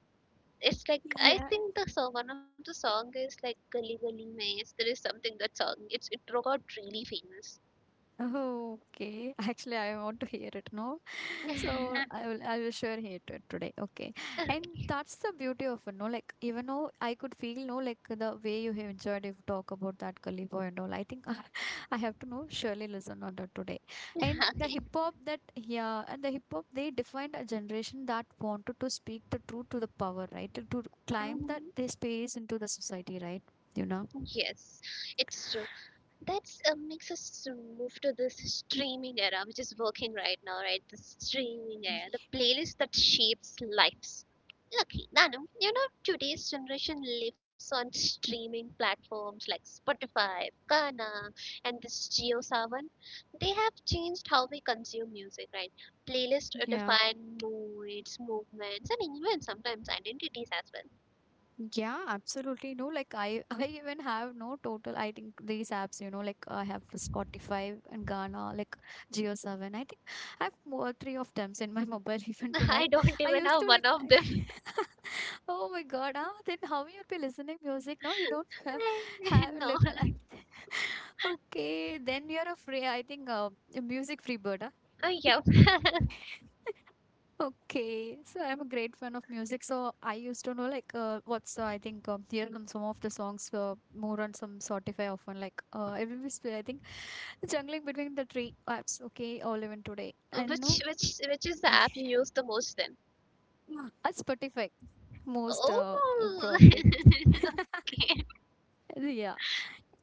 S2: It's like I
S1: Yeah.
S2: think the song, one of the song is like Gully Gully Maze. There is something that song. It got really famous.
S1: Oh, okay. [laughs] Actually, I want to hear it now. So
S2: [laughs]
S1: I will sure hear it today. Okay. And
S2: Okay.
S1: that's the beauty of it, no? Like even though I could feel no like the way you have enjoyed if you talk about that Gully Boy and all. I think I [laughs] I have to know surely listen on that today. And the hip hop that yeah, and the hip hop they defined a generation that wanted to speak the truth to the power, right? To
S2: [laughs]
S1: climb that
S2: Mhm.
S1: their space into the society, right? You know?
S2: Yes, it's true. That's makes us move to this streaming era, which is working right now, right? The streaming era, the
S1: Mhm.
S2: playlist that shapes lives. Lucky, Nanu, you know, today's generation lives on streaming platforms like Spotify, Gaana, and this JioSaavn. They have changed how we consume music, right? Playlists
S1: Yeah.
S2: define moods, movements, and even sometimes identities as well.
S1: Yeah, absolutely. No, like I, [laughs] I even have no total. I think these apps, you know, like I have Spotify and Ghana, like Geo7. I think I have more three of them in my mobile [laughs] even To
S2: [laughs]
S1: like,
S2: I don't
S1: I
S2: even
S1: used
S2: have
S1: to
S2: one
S1: like,
S2: of them. [laughs]
S1: [laughs] oh my God, ah, then how you'll be listening music? No, you don't
S2: I [laughs]
S1: [laughs]
S2: know.
S1: have look like. [laughs] Okay, then you're a free. I think a music free bird. Ah.
S2: Oh, yeah. [laughs]
S1: [laughs] Okay, so I'm a great fan of music. So I used to know like what's I think here come some of the songs more on some Spotify often like it will be I think the jungling between the three apps. Okay, all even today I know
S2: Which is the
S1: [laughs]
S2: app you use the most then?
S1: Spotify most
S2: Oh, [laughs]
S1: probably [laughs]
S2: okay.
S1: yeah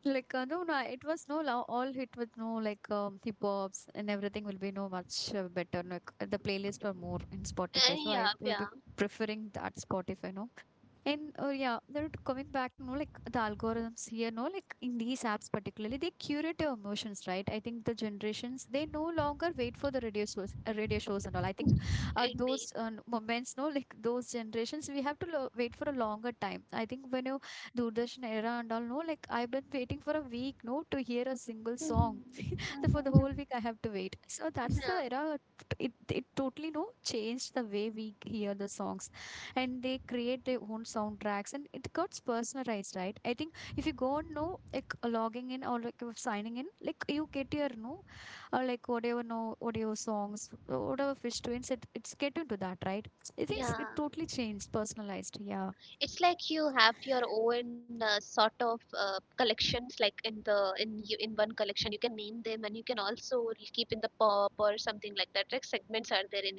S1: like no it was no love all hit with no like hip hops and everything will be no much better like the playlist or more in
S2: Uh,
S1: Spotify. So I
S2: yeah,
S1: will be
S2: yeah,
S1: preferring that Spotify no. And yeah, they're coming back, no like the algorithms here, no, like in these apps particularly, they curate your emotions, right? I think the generations they no longer wait for the radio shows, and all. I think at
S2: indeed.
S1: those
S2: [laughs]
S1: moments, no, like those generations, we have to wait for a longer time. I think when you Doordarshan era and all, no, like I've been waiting for a week, no, to hear a single
S2: Mhm.
S1: song. So for the whole
S2: Mhm.
S1: week, I have to wait. So that's the
S2: Yeah,
S1: era. It totally no changed the way we hear the songs, and they create their own soundtracks, and it gets personalized, right? I think if you go on no like logging in or like signing in, like you get your no, or like whatever no audio songs, whatever fish twins, it's get into that, right? I think it's, it
S2: yeah.
S1: totally changed, personalized. Yeah,
S2: It's like you have your own sort of collections, like in one collection you can name them, and you can also keep in the pop or something like that. Like segments are there in.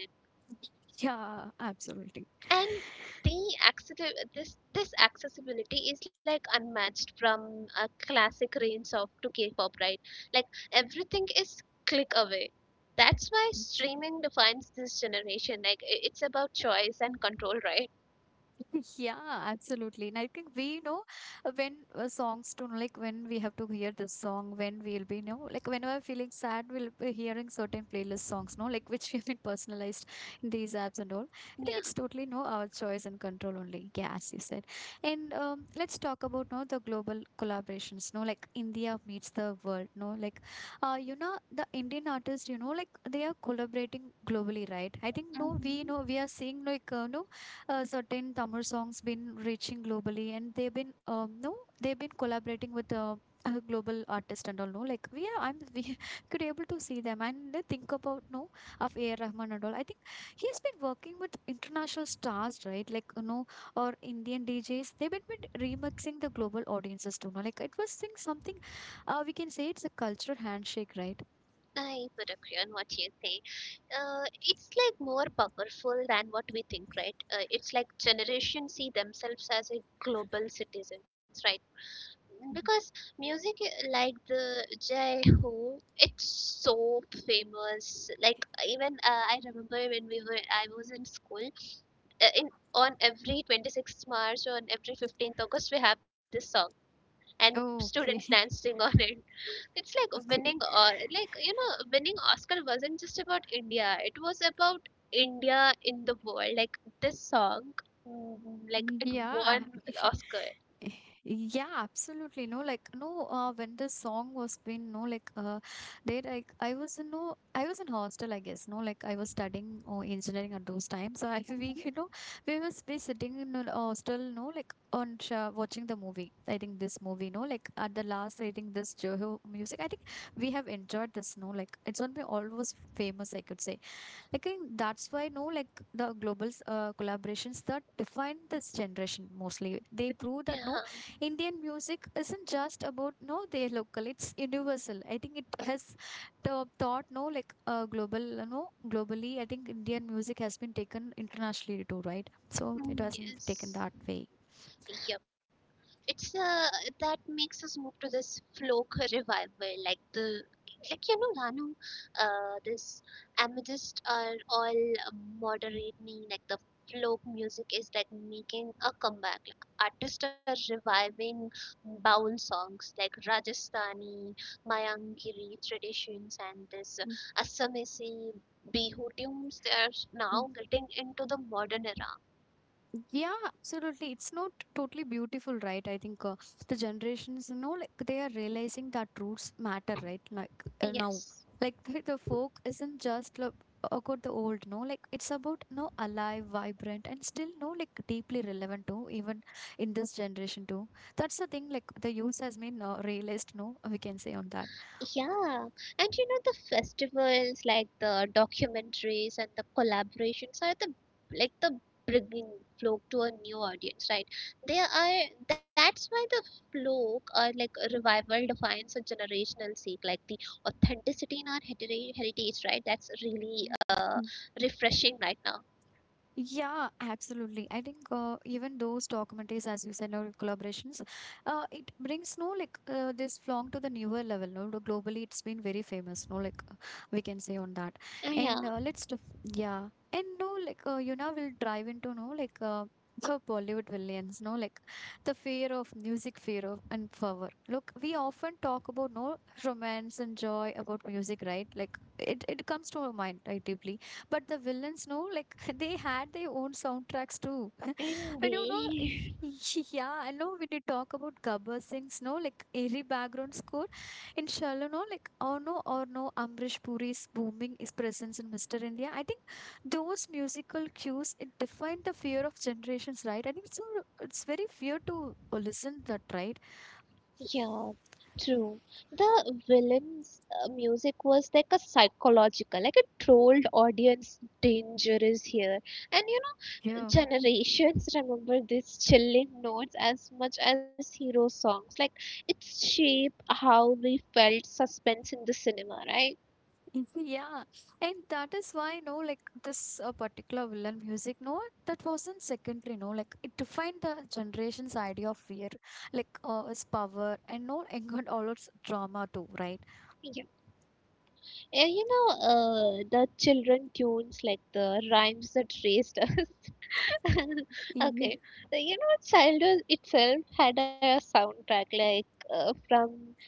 S1: yeah, absolutely.
S2: And the accessible, this accessibility is like unmatched from a classic range of to K-pop, right? Like everything is click away. That's why streaming defines this generation. Like it's about choice and control, right?
S1: [laughs] Yeah, absolutely. And I think we know when songs tune, like when we have to hear this song, when we'll be, you know, like when we're feeling sad, we'll be hearing certain playlist songs, no, like [laughs] which have been personalized in these apps and all. I think
S2: Yeah.
S1: it's totally no our choice and control only. Yeah, as you said. And let's talk about no the global collaborations, no, like India meets the world, no, like you know, the Indian artists, you know, like they are collaborating globally, right? I think no, we know
S2: Hmm.
S1: we are seeing like no certain Tamil songs been reaching globally, and they've been no, they've been collaborating with a global artist and all. No, like we are, I'm we [laughs] could able to see them and then think about no of A. R. Rahman and all. I think he has been working with international stars, right? Like or Indian DJs. They've been remixing the global audiences too. No, like it was think something. We can say it's a cultural handshake, right?
S2: I would agree on what you say. It's like more powerful than what we think, right? It's like generation see themselves as a global citizens, right?
S1: Mhm.
S2: Because music like the Jai Ho, it's so famous. Like even I remember when we were I was in school, in on every 26th March or on every 15th August we have this song and
S1: Oh,
S2: students
S1: okay.
S2: dancing on it. It's like
S1: [laughs]
S2: winning
S1: Okay.
S2: or like you know winning Oscar wasn't just about India. It was about India in the world. Like this song, mm, like it
S1: Yeah,
S2: won
S1: [laughs]
S2: Oscar.
S1: yeah, absolutely. No, like no, when the song was been no, like there like I was in hostel, I guess. No, like I was studying or engineering at those times. [laughs] So I we
S2: Mhm.
S1: you know we was be sitting in a hostel, no, like on sha watching the movie. I think this movie, no, like at the last, I think this Joho music. I think we have enjoyed this. No, like it's gonna be always famous, I could say. Like I think that's why no like the global collaborations that define this generation mostly. They prove that no Indian music isn't just about no their local. It's universal. I think it has the thought no like global globally. I think Indian music has been taken internationally too, right? So it
S2: Mm,
S1: wasn't taken
S2: yes.
S1: that way.
S2: Yep. It's that makes us move to this folk revival, like the like you know, Ranu, this amethyst are all moderating. Like the folk music is like making a comeback. Like artists are reviving baul songs like Rajasthani, Mayangiri traditions, and this Assamese bihu tunes. They are now getting into the modern era.
S1: Yeah, absolutely. It's not totally beautiful, right? I think the generations, you know, like they are realizing that roots matter, right? Like now,
S2: Yes.
S1: like [laughs] the folk isn't just like, about the old, no, like it's about no alive, vibrant, and still no like deeply relevant to even in this generation too. That's the thing. Like the use has been realized, no, we can say on
S2: Yeah, and you know the festivals, like the documentaries and the collaborations are the like the bringing folk to a new audience, right? They are that's why the folk or like a revival defines a generational seek, like the authenticity in our heritage, right? That's really
S1: that.
S2: refreshing right now.
S1: Yeah, absolutely. I think even those documentaries, as you said, or collaborations, it brings no like this flong to the newer level. No, the globally, it's been very famous. No, like we can say on that.
S2: Uh, yeah,
S1: And let's def yeah, and no, like we'll dive into no like the Bollywood villains. No, like the fear of music, fear of and power. Look, we often talk about no romance and joy about music, right? Like it comes to our mind, right, deeply, but the villains no like [laughs] they had their own soundtracks too [laughs] and you
S2: indeed.
S1: know [laughs] yeah, I know when you talk about Gabbar Singh's no like airy background score in Shallow no like oh no or no Amrish Puri's booming is presence in Mr. India, I think those musical cues it defined the fear of generations, right? I think so. It's very fear to listen that, right?
S2: Yeah, true. The villain's music was like a psychological, like a trolled audience danger is here. And you know,
S1: Yeah.
S2: generations remember these chilling notes as much as hero songs. Like, it shaped how we felt suspense in the cinema, right?
S1: [laughs] Yeah, and that is why, no, like this particular villain music, no, that wasn't secondary, no, like it defined the generation's idea of fear, like its power, and no, and all its drama too, right?
S2: Yeah. And you know, the children tunes, like the rhymes that raised us, [laughs] [laughs]
S1: Yeah.
S2: okay. You know childhood itself had a soundtrack. Like from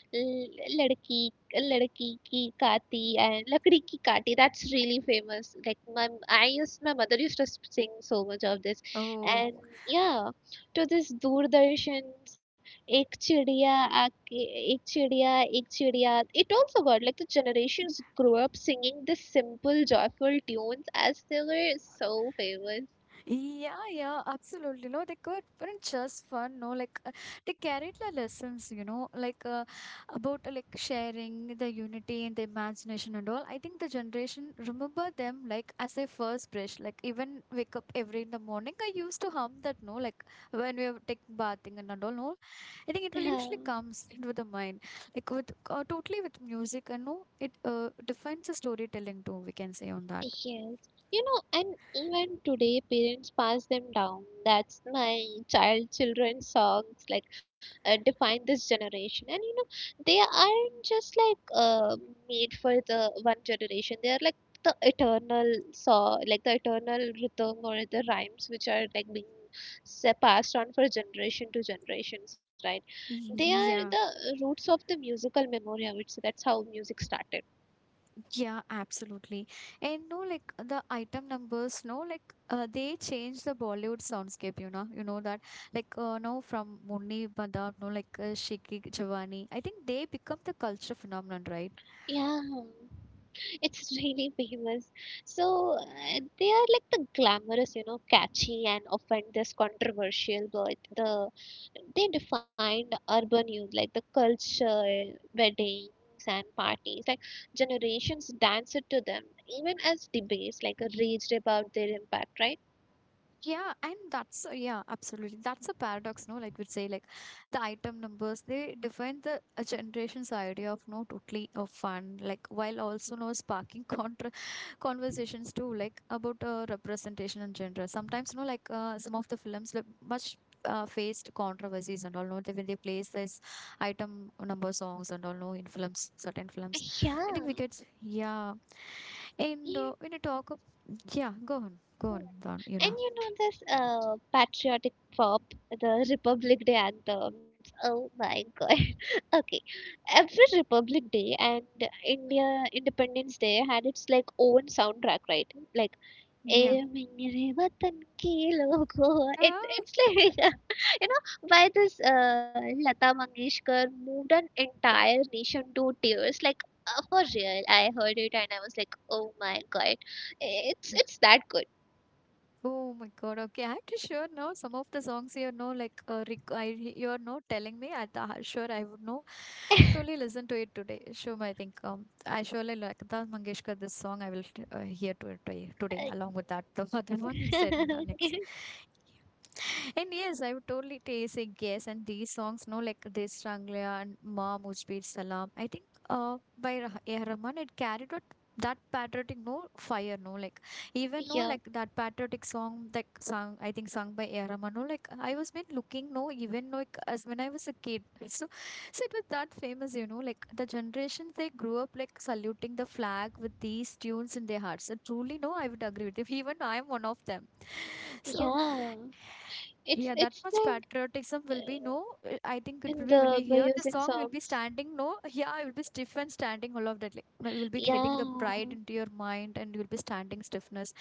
S2: Ladki, ki kati and lakdi ki kati, that's really famous. Like my mother used to sing so much of this.
S1: Oh.
S2: And yeah, to this Doordarshan's ek chidiya, aake ek chidiya, ek chidiya, it also got like the generations grew up singing this simple joyful tunes, as they were so famous.
S1: Yeah, yeah, absolutely. No, they could, but it's just fun. No, like they carried the lessons, you know, like about like sharing the unity and the imagination and all. I think the generation remember them like as their first brush. Like even wake up every in the morning, I used to hum that. No, like when we were taking bathing and all. No, I think it will
S2: Um,
S1: usually comes into the mind, like with totally with music and no, it defines the storytelling too. We can say on that.
S2: yes, you know, and even today, parents pass them down. That's my child children songs like define this generation, and you know, they aren't just like made for the one generation. They are like the eternal saw, like the eternal rhythm or the rhymes which are like being passed on for generation to generations, right?
S1: [laughs]
S2: They are
S1: Yeah.
S2: the roots of the musical memory. I would say that's how music started.
S1: Yeah, absolutely. And no, like the item numbers, no, like they change the Bollywood soundscape, you know that, like, no, from Munni Badam, no, like Shiki Jawani. I think they become the culture phenomenon, right?
S2: Yeah. It's [laughs] really famous. So they are like the glamorous, you know, catchy and often this controversial, but they defined urban youth like the culture, weddings and parties. Like generations danced to them, even as debates like raged about their impact, right?
S1: Yeah, and that's yeah, absolutely. That's a paradox, no? Like we'd say, like the item numbers, they define the a generation's idea of no totally of fun, like while also no sparking [laughs] contra conversations too, like about representation and gender. Sometimes, no, like some of the films like, much faced controversies and all, no, when they place this item number songs and all, no, in films, certain films. I
S2: Yeah.
S1: think we get yeah, and
S2: Yeah.
S1: when you talk, of, yeah, go on, go on, Don, you
S2: And
S1: know,
S2: you know this patriotic pop, the Republic Day anthems. Oh my god. [laughs] okay. Every Republic Day and India Independence Day had its like own soundtrack, right? Like
S1: yeah.
S2: "Eh, Mingre Vatan Ke Logo." It,
S1: Ah,
S2: it's like [laughs] you know why this Lata Mangeshkar moved an entire nation to tears. Like for real, I heard it and I was like, oh my god, it's that good.
S1: oh my God. Okay, I have to sure know some of the songs you know, like you're no telling me. I th sure I would know. Totally listen to it today. Shum, I think I surely like Lata Mangeshkar. This song I will hear to it today, along with that [laughs] the other one you said in the next.
S2: [laughs]
S1: And yes, I would totally say yes. And these songs, no, like this Ranglia and Ma Mujhbir Salam. I think by A. Rahman, it carried out that patriotic no fire no like even no like
S2: Yeah,
S1: that patriotic song like sung I think sung by A. Rahman, no like I was been looking no even like as when I was a kid so it was that famous, you know, like the generations they grew up like saluting the flag with these tunes in their hearts and truly no I would agree with you. [laughs] Even I'm one of them. [laughs] So
S2: yeah.
S1: yeah, that
S2: It's
S1: much
S2: it's like
S1: patriotism will be no.
S2: uh,
S1: I think it will
S2: in
S1: be when
S2: the
S1: we
S2: by
S1: hear the
S2: using
S1: song, you'll be
S2: songs.
S1: standing. No, [laughs] yeah, you'll be stiff and standing all of that. Like no, you'll be heading the
S2: Yeah,
S1: pride into your mind, and you'll be standing stiffness.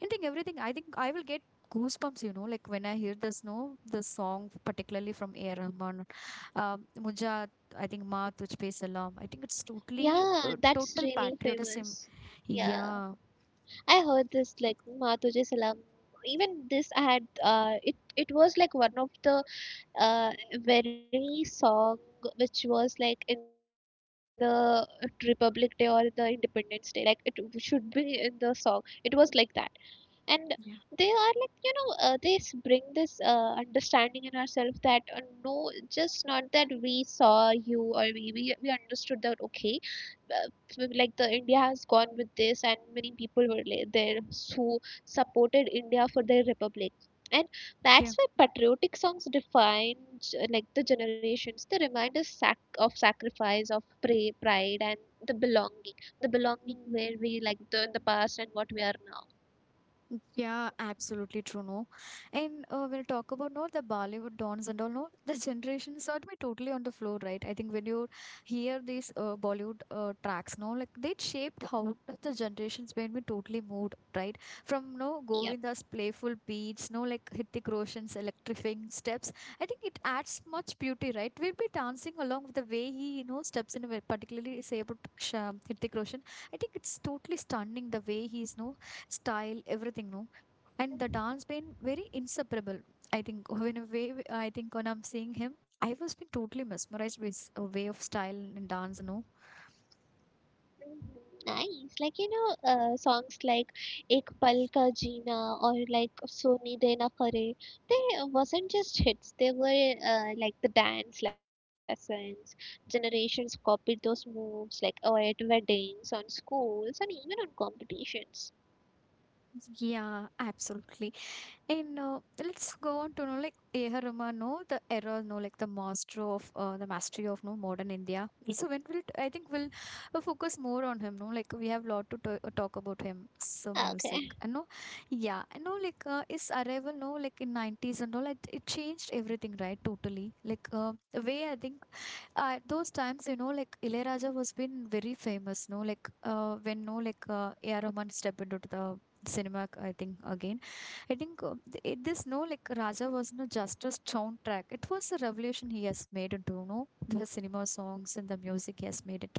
S1: And think everything. I think I will get goosebumps. You know, like when I hear this. No, the song particularly from A. R. Rahman, Mujha. I think Ma Tujhpe Salam. I think it's totally
S2: yeah. That's
S1: total
S2: really
S1: patriotism.
S2: famous. Yeah,
S1: Yeah,
S2: I heard this like Ma Tujhe Salam. Even this I had it was like one of the uh, very song which was like in the Republic Day or the Independence Day. Like it should be in the song. It was like that. And they are like
S1: yeah,
S2: bring this understanding in ourselves that no just not that we saw you or we understood that okay, uh, so like the india has gone with this and many people were there who supported india for their republic, and
S1: yeah.
S2: that's why patriotic songs define like the generations they remind us of sacrifice of pray, pride and the belonging, the belonging where we like the in the past and what we are now.
S1: Yeah, absolutely true. No, and when you talk about no, the Bollywood dons and all, no, [laughs] the generations are to be totally on the floor, right? I think when you hear these Bollywood tracks, no, like they shaped how the generations made me totally moved, right? From no
S2: Yep.
S1: Govinda's playful beats, no, like Hrithik Roshan's electrifying steps, I think it adds much beauty, right? We'll be dancing along with the way he, steps in, particularly say about Hrithik Roshan. I think it's totally stunning the way he's no style everything no and the dance been very inseparable, I think in a way. I think when I'm seeing him, I was been totally mesmerized with his way of style and dance, no.
S2: Nice. Like, you know, songs like Ek Pal Ka Jeena or like Soni De Na Kare, they wasn't just hits. They were like the dance lessons. Generations copied those moves like or at weddings, on schools, and even on competitions.
S1: Yeah, absolutely. And let's go on to know like A. Rama, no, the era, no, like the mastery of no modern India. So when I think we'll focus more on him, no, like we have lot to talk about him, some music,
S2: Okay.
S1: and no, yeah, and no, like his arrival, no, like in nineties and all, it changed everything, right? Totally, like the way I think at those times, like Ilayaraja was been very famous, no, like when no, like A. R. Rahman stepped into the cinema, I think again. I think this no like Raja was not just a soundtrack. It was a revolution he has made into the cinema songs and the music he has made it.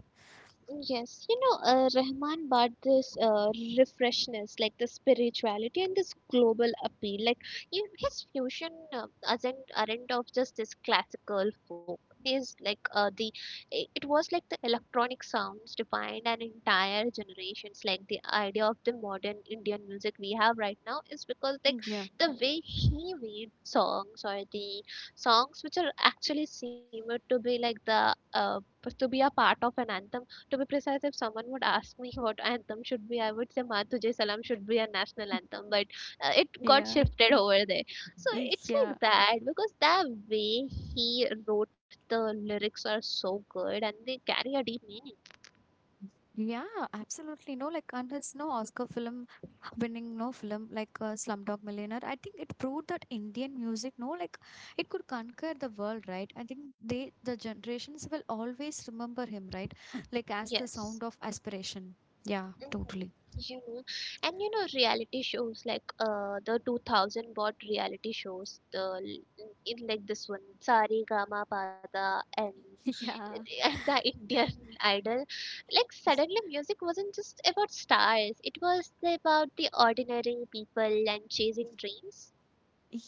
S2: Yes, you know, Rahman brought this refreshness, like the spirituality and this global appeal. Like you his fusion isn't aren't of just this classical folk. Is like it was like the electronic sounds defined an entire generations. Like the idea of the modern Indian music we have right now is because like
S1: Yeah.
S2: the way he made songs or the songs which are actually seemed to be like the to be a part of an anthem, to be precise, if someone would ask me what anthem should be, I would say Ma Tujhe Salam" should be a national
S1: Y-
S2: anthem, but it got
S1: Yeah,
S2: shifted over there. So
S1: Y-
S2: it's
S1: yeah.
S2: like that because the way he wrote the lyrics are so good and they carry a deep meaning.
S1: Yeah, absolutely. No, like, and it's no Oscar film winning, no film like Slumdog Millionaire. I think it proved that Indian music, no, like, it could conquer the world, right? I think they, the generations will always remember him, right? Like, as the
S2: Yes.
S1: sound of aspiration. Yeah,
S2: Mhm.
S1: totally.
S2: You know, and you know reality shows like the 2000 bot reality shows the in like this one Sari Gama Pada
S1: [laughs] Yeah.
S2: and the Indian Idol. Like suddenly music wasn't just about stars, it was about the ordinary people and chasing dreams.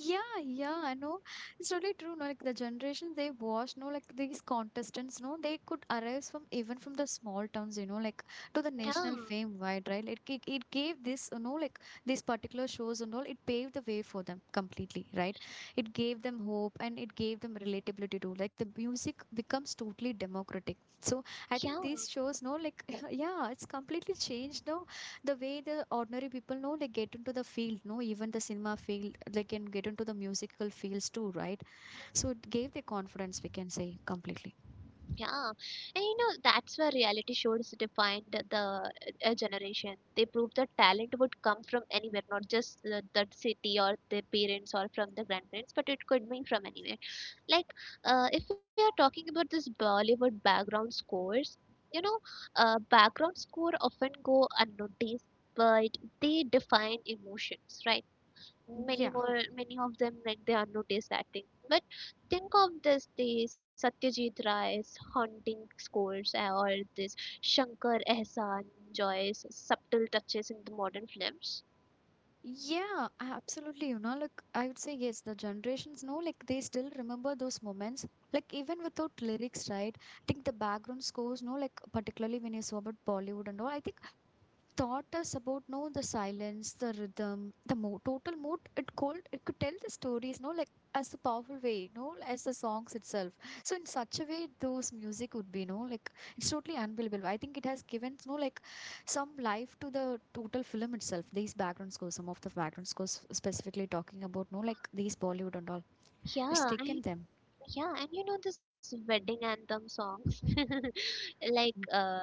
S1: Yeah, yeah, I know. It's really true. No, like the generation they watch, no, like these contestants, no, they could arise from even from the small towns, you know, like to the
S2: Yeah,
S1: national fame wide, right? It gave this, you know, like these particular shows and all, it paved the way for them completely, right? It gave them hope and it gave them relatability too. Like the music becomes totally democratic. So I think
S2: yeah.
S1: these shows, no, like [laughs] yeah, it's completely changed, no, the way the ordinary people know, like, get into the field, no, even the cinema field, they can get into the musical fields too, right? So it gave the confidence, we can say, completely.
S2: Yeah, and you know that's where reality shows defined the generation. They proved that talent would come from anywhere, not just the, that city or the parents or from the grandparents, but it could be from anywhere. Like, if we are talking about this Bollywood background scores, you know, background score often go unnoticed, but they define emotions, right? Many
S1: Yeah,
S2: more, many of them like they are noticed, I think, but think of this the satyajit Ray's haunting scores or this shankar ehsan joy's subtle touches in the modern films.
S1: yeah, absolutely. You know, like, I would say yes, the generations know, like, they still remember those moments, like even without lyrics, right? I think the background scores, no, like, particularly when you saw about Bollywood and all, I think taught us about, no, the silence, the rhythm, the total mood it called, it could tell the stories, no, like, as a powerful way, no, as the songs itself. So in such a way, those music would be, no, like, it's totally unbelievable. I think it has given, no, like, some life to the total film itself, these background scores, some of the background scores, specifically talking about, no, like, these Bollywood and all. It's
S2: Yeah. And
S1: taken them.
S2: yeah, and you know this wedding anthem songs, [laughs] like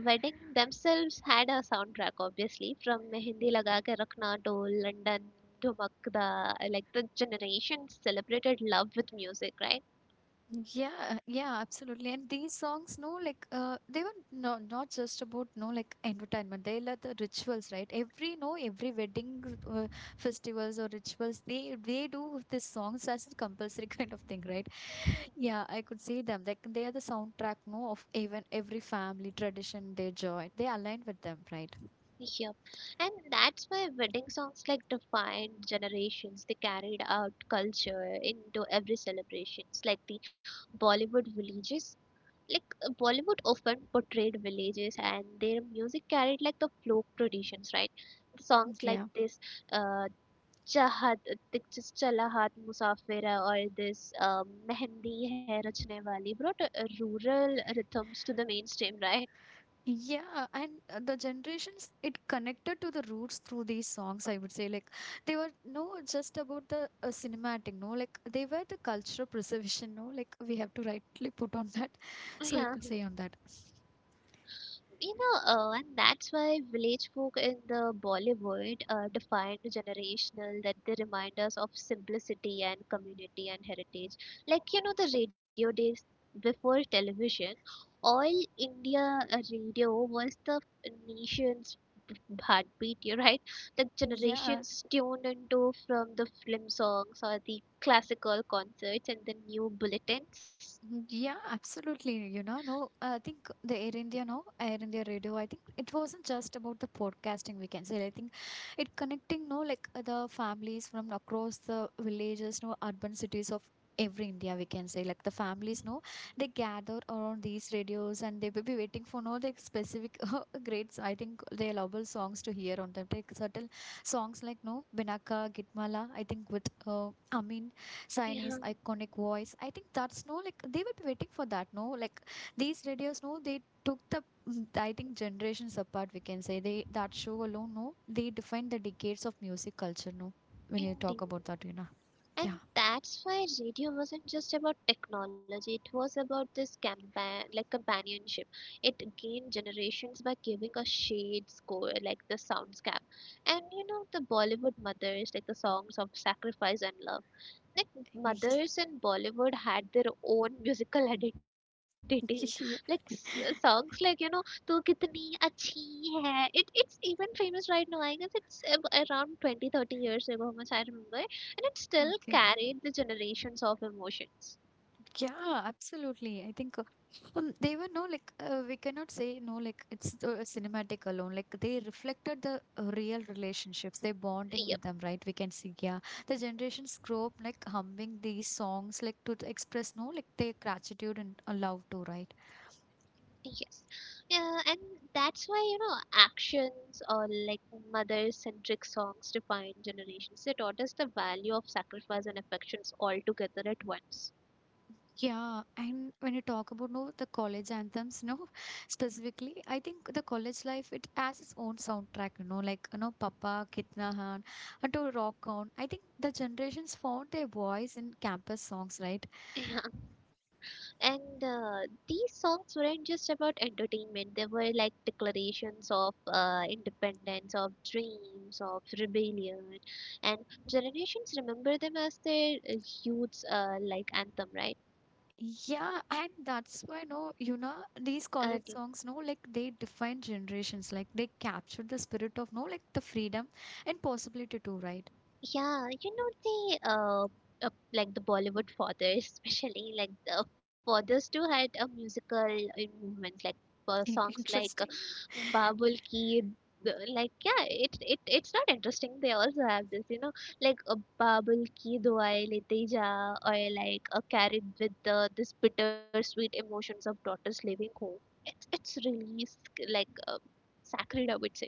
S2: wedding themselves had a soundtrack obviously from Mehendi laga ke rakhna to london to Makda, like the generation celebrated love with music, right?
S1: Yeah, yeah, absolutely. And these songs, no, like they were, no, not just about, no, like, entertainment. They were the rituals, right? Every, no, every wedding, uh, festivals or rituals, they do these songs as a compulsory [laughs] kind of thing, right? Yeah, I could see them. Like, they are the soundtrack, no, of even every family tradition they join. They align with them, right?
S2: Yep. And that's why wedding songs like defined generations. They carried out culture into every celebrations, like the Bollywood villages. Like Bollywood often portrayed villages, and their music carried like the folk traditions, right? Songs like
S1: Yeah.
S2: this, uh, Chahat, Chala Haat Musafira, or this Mehendi Hai Rachne Wali brought rural rhythms to the mainstream, right?
S1: Yeah, and the generations, it connected to the roots through these songs, I would say. Like, they were, no, just about the cinematic, no, like they were the cultural preservation, no, like, we have to rightly put on that.
S2: [laughs]
S1: [laughs] So we
S2: Yeah.
S1: could say on that.
S2: You know, and that's why village folk in the Bollywood are defined generational, that they remind us of simplicity and community and heritage. Like, you know, the radio days before television, all India radio was the nation's b- heartbeat, you're right? The
S1: Yeah.
S2: generations tuned into from the film songs or the classical concerts and the new bulletins.
S1: Yeah, absolutely. You know, no, I think the Air India, no, Air India Radio, I think it wasn't just about the podcasting, we can say. I think it connecting, no, like the families from across the villages, no, urban cities of every India, we can say. Like, the families, no, they gather around these radios and they will be waiting for, no, like, specific [laughs] greats. I think they allowable songs to hear on them. Like, certain songs like, no, Vinaka, Gitmala, I think with Amin. Chinese
S2: Yeah,
S1: iconic voice. I think that's, no, like, they will be waiting for that. No, like, these radios. No, they took the I think generations apart. We can say they, that show alone, no, they defined the decades of music culture, no, when you talk
S2: ending.
S1: about that, you know.
S2: And
S1: Yeah.
S2: that's why radio wasn't just about technology, it was about this like companionship. It gained generations by giving a shade score, like the soundscape. And you know, the Bollywood mothers, like the songs of sacrifice and love, like
S1: [laughs]
S2: mothers in Bollywood had their own musical [laughs] identity. Like
S1: Yeah,
S2: songs like you know "Tu Kitni Achhi Hai." It it's even famous right now. I guess it's around 20-30 years ago, how much I remember, and it still
S1: okay.
S2: carried the generations of emotions.
S1: Yeah, absolutely. I think they were, no, like we cannot say, no, like, it's cinematic alone. Like, they reflected the real relationships, they bonding
S2: Yep.
S1: with them, right? We can see, yeah, the generations grow up like humming these songs, like to express, no, like, their gratitude and love too, right?
S2: Yes. Yeah, and that's why you know actions or like mother-centric songs define generations. They taught us the value of sacrifice and affections all together at once.
S1: Yeah, and when you talk about, no, the college anthems, no, [laughs] specifically, I think the college life, it has its own soundtrack, you know, like, you know, Papa, Kitna Haan, and to rock on. I think the generations found their voice in campus songs, right?
S2: [laughs] And these songs weren't just about entertainment, they were like declarations of independence, of dreams, of rebellion. And generations remember them as their youth's like anthem, right?
S1: Yeah, and that's why, no, you know, these
S2: Uh,
S1: college
S2: the-
S1: songs, no, like, they define generations, like they capture the spirit of, no, like, the freedom and possibility too, right?
S2: yeah, you know, the like the Bollywood fathers, [laughs] especially like the fathers too had a musical movement, like for songs
S1: [laughs]
S2: like
S1: Interesting.
S2: Babul Ki, like yeah, it's not interesting. They also have this, you know, like a Babul Ki Duai Lete Ja, or like a carried with the this bittersweet emotions of daughters leaving home. It's really sacred, I would say,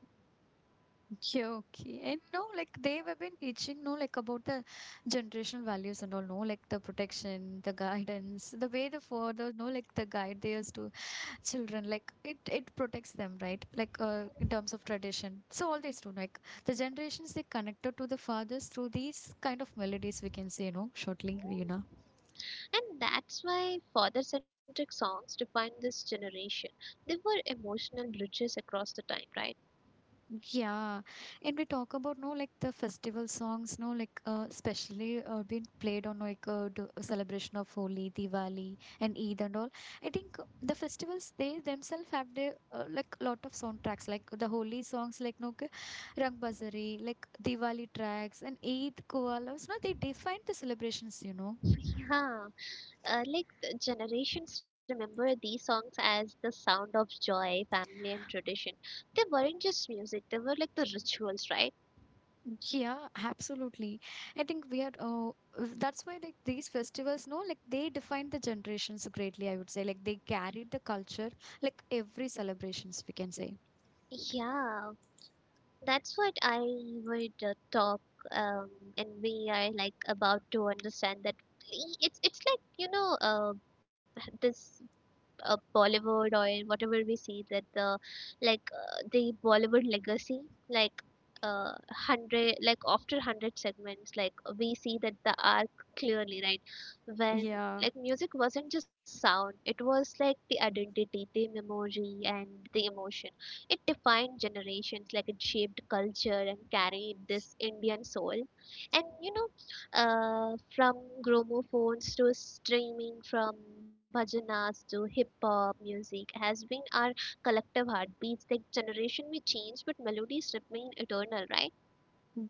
S1: Okay, okay. And no, like, they have been teaching, no, like, about the generational values and all, no, like, the protection, the guidance, the way the father, no, like, the guide their to children, like, it protects them, right? Like in terms of tradition. So all these two, like the generations, they connected to the fathers through these kind of melodies, we can say, no, shortly, Reena.
S2: and that's why father-centric songs define this generation. They were emotional bridges across the time, right?
S1: Yeah, and we talk about, no, like, the festival songs, no, like especially being played on, like celebration of Holi, Diwali, and Eid and all. I think the festivals, they themselves have their like, lot of soundtracks, like the Holi songs, like, no k- Rang Bazari, like Diwali tracks, and Eid Koalas. No, they define the celebrations, you know.
S2: [laughs] Yeah. Like the generations remember these songs as the sound of joy, family, and tradition. They weren't just music; they were like the rituals, right?
S1: Yeah, absolutely. I think we are, that's why, like, these festivals, no, like, they define the generations greatly, I would say. Like, they carried the culture, like every celebrations, we can say.
S2: Yeah, that's what I would talk, um, and we are like about to understand that. It's like you know, this. Bollywood or whatever we see that the like the Bollywood legacy, like hundred like after hundred segments, like we see that the arc clearly, right, when
S1: Yeah.
S2: like music wasn't just sound, it was like the identity, the memory and the emotion. It defined generations, like it shaped culture and carried this indian soul. And you know, from gramophones to streaming, from bhajanas to hip hop, music has been our collective heartbeats. The generation may change, but melodies remain eternal, right?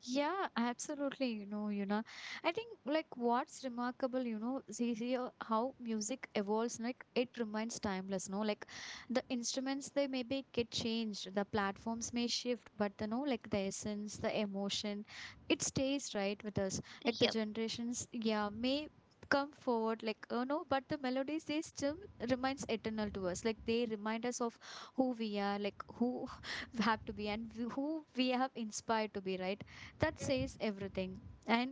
S1: Yeah, absolutely. You know, I think like what's remarkable, you know, see, how music evolves, like, it remains timeless, no? Like, the instruments, they maybe get changed, the platforms may shift, but you know, like, the essence, the emotion, it stays right with us. Like, the
S2: Yeah,
S1: generations, yeah, may come forward, like, oh no, but the melodies, they still remains eternal to us. Like, they remind us of who we are, like who [laughs] have to be and who we have inspired to be, right? That says everything. And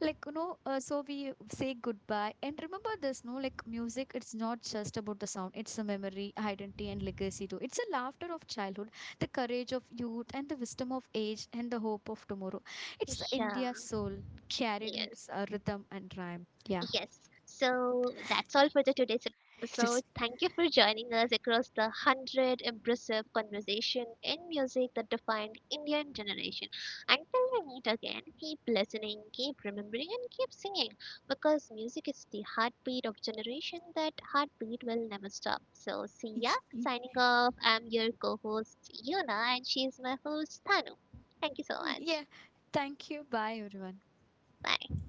S1: like, you know, so we say goodbye and remember this, no, like, music, it's not just about the sound, it's a memory, identity and legacy too. It's a laughter of childhood, the courage of youth and the wisdom of age and the hope of tomorrow. It's the
S2: yeah,
S1: India soul, carried in
S2: yes.
S1: rhythm and rhyme. Yeah.
S2: Yes. So that's all for the today's
S1: [laughs]
S2: episode.
S1: It is-
S2: Thank you for joining us across the hundred impressive conversation in music that defined Indian generation. Until we meet again, keep listening, keep remembering, and keep singing, because music is the heartbeat of generation. That heartbeat will never stop. So see ya. Signing off. I'm your co-host Yuna, and she's my host Tanu. Thank you so much.
S1: yeah, thank you, bye everyone.
S2: Bye.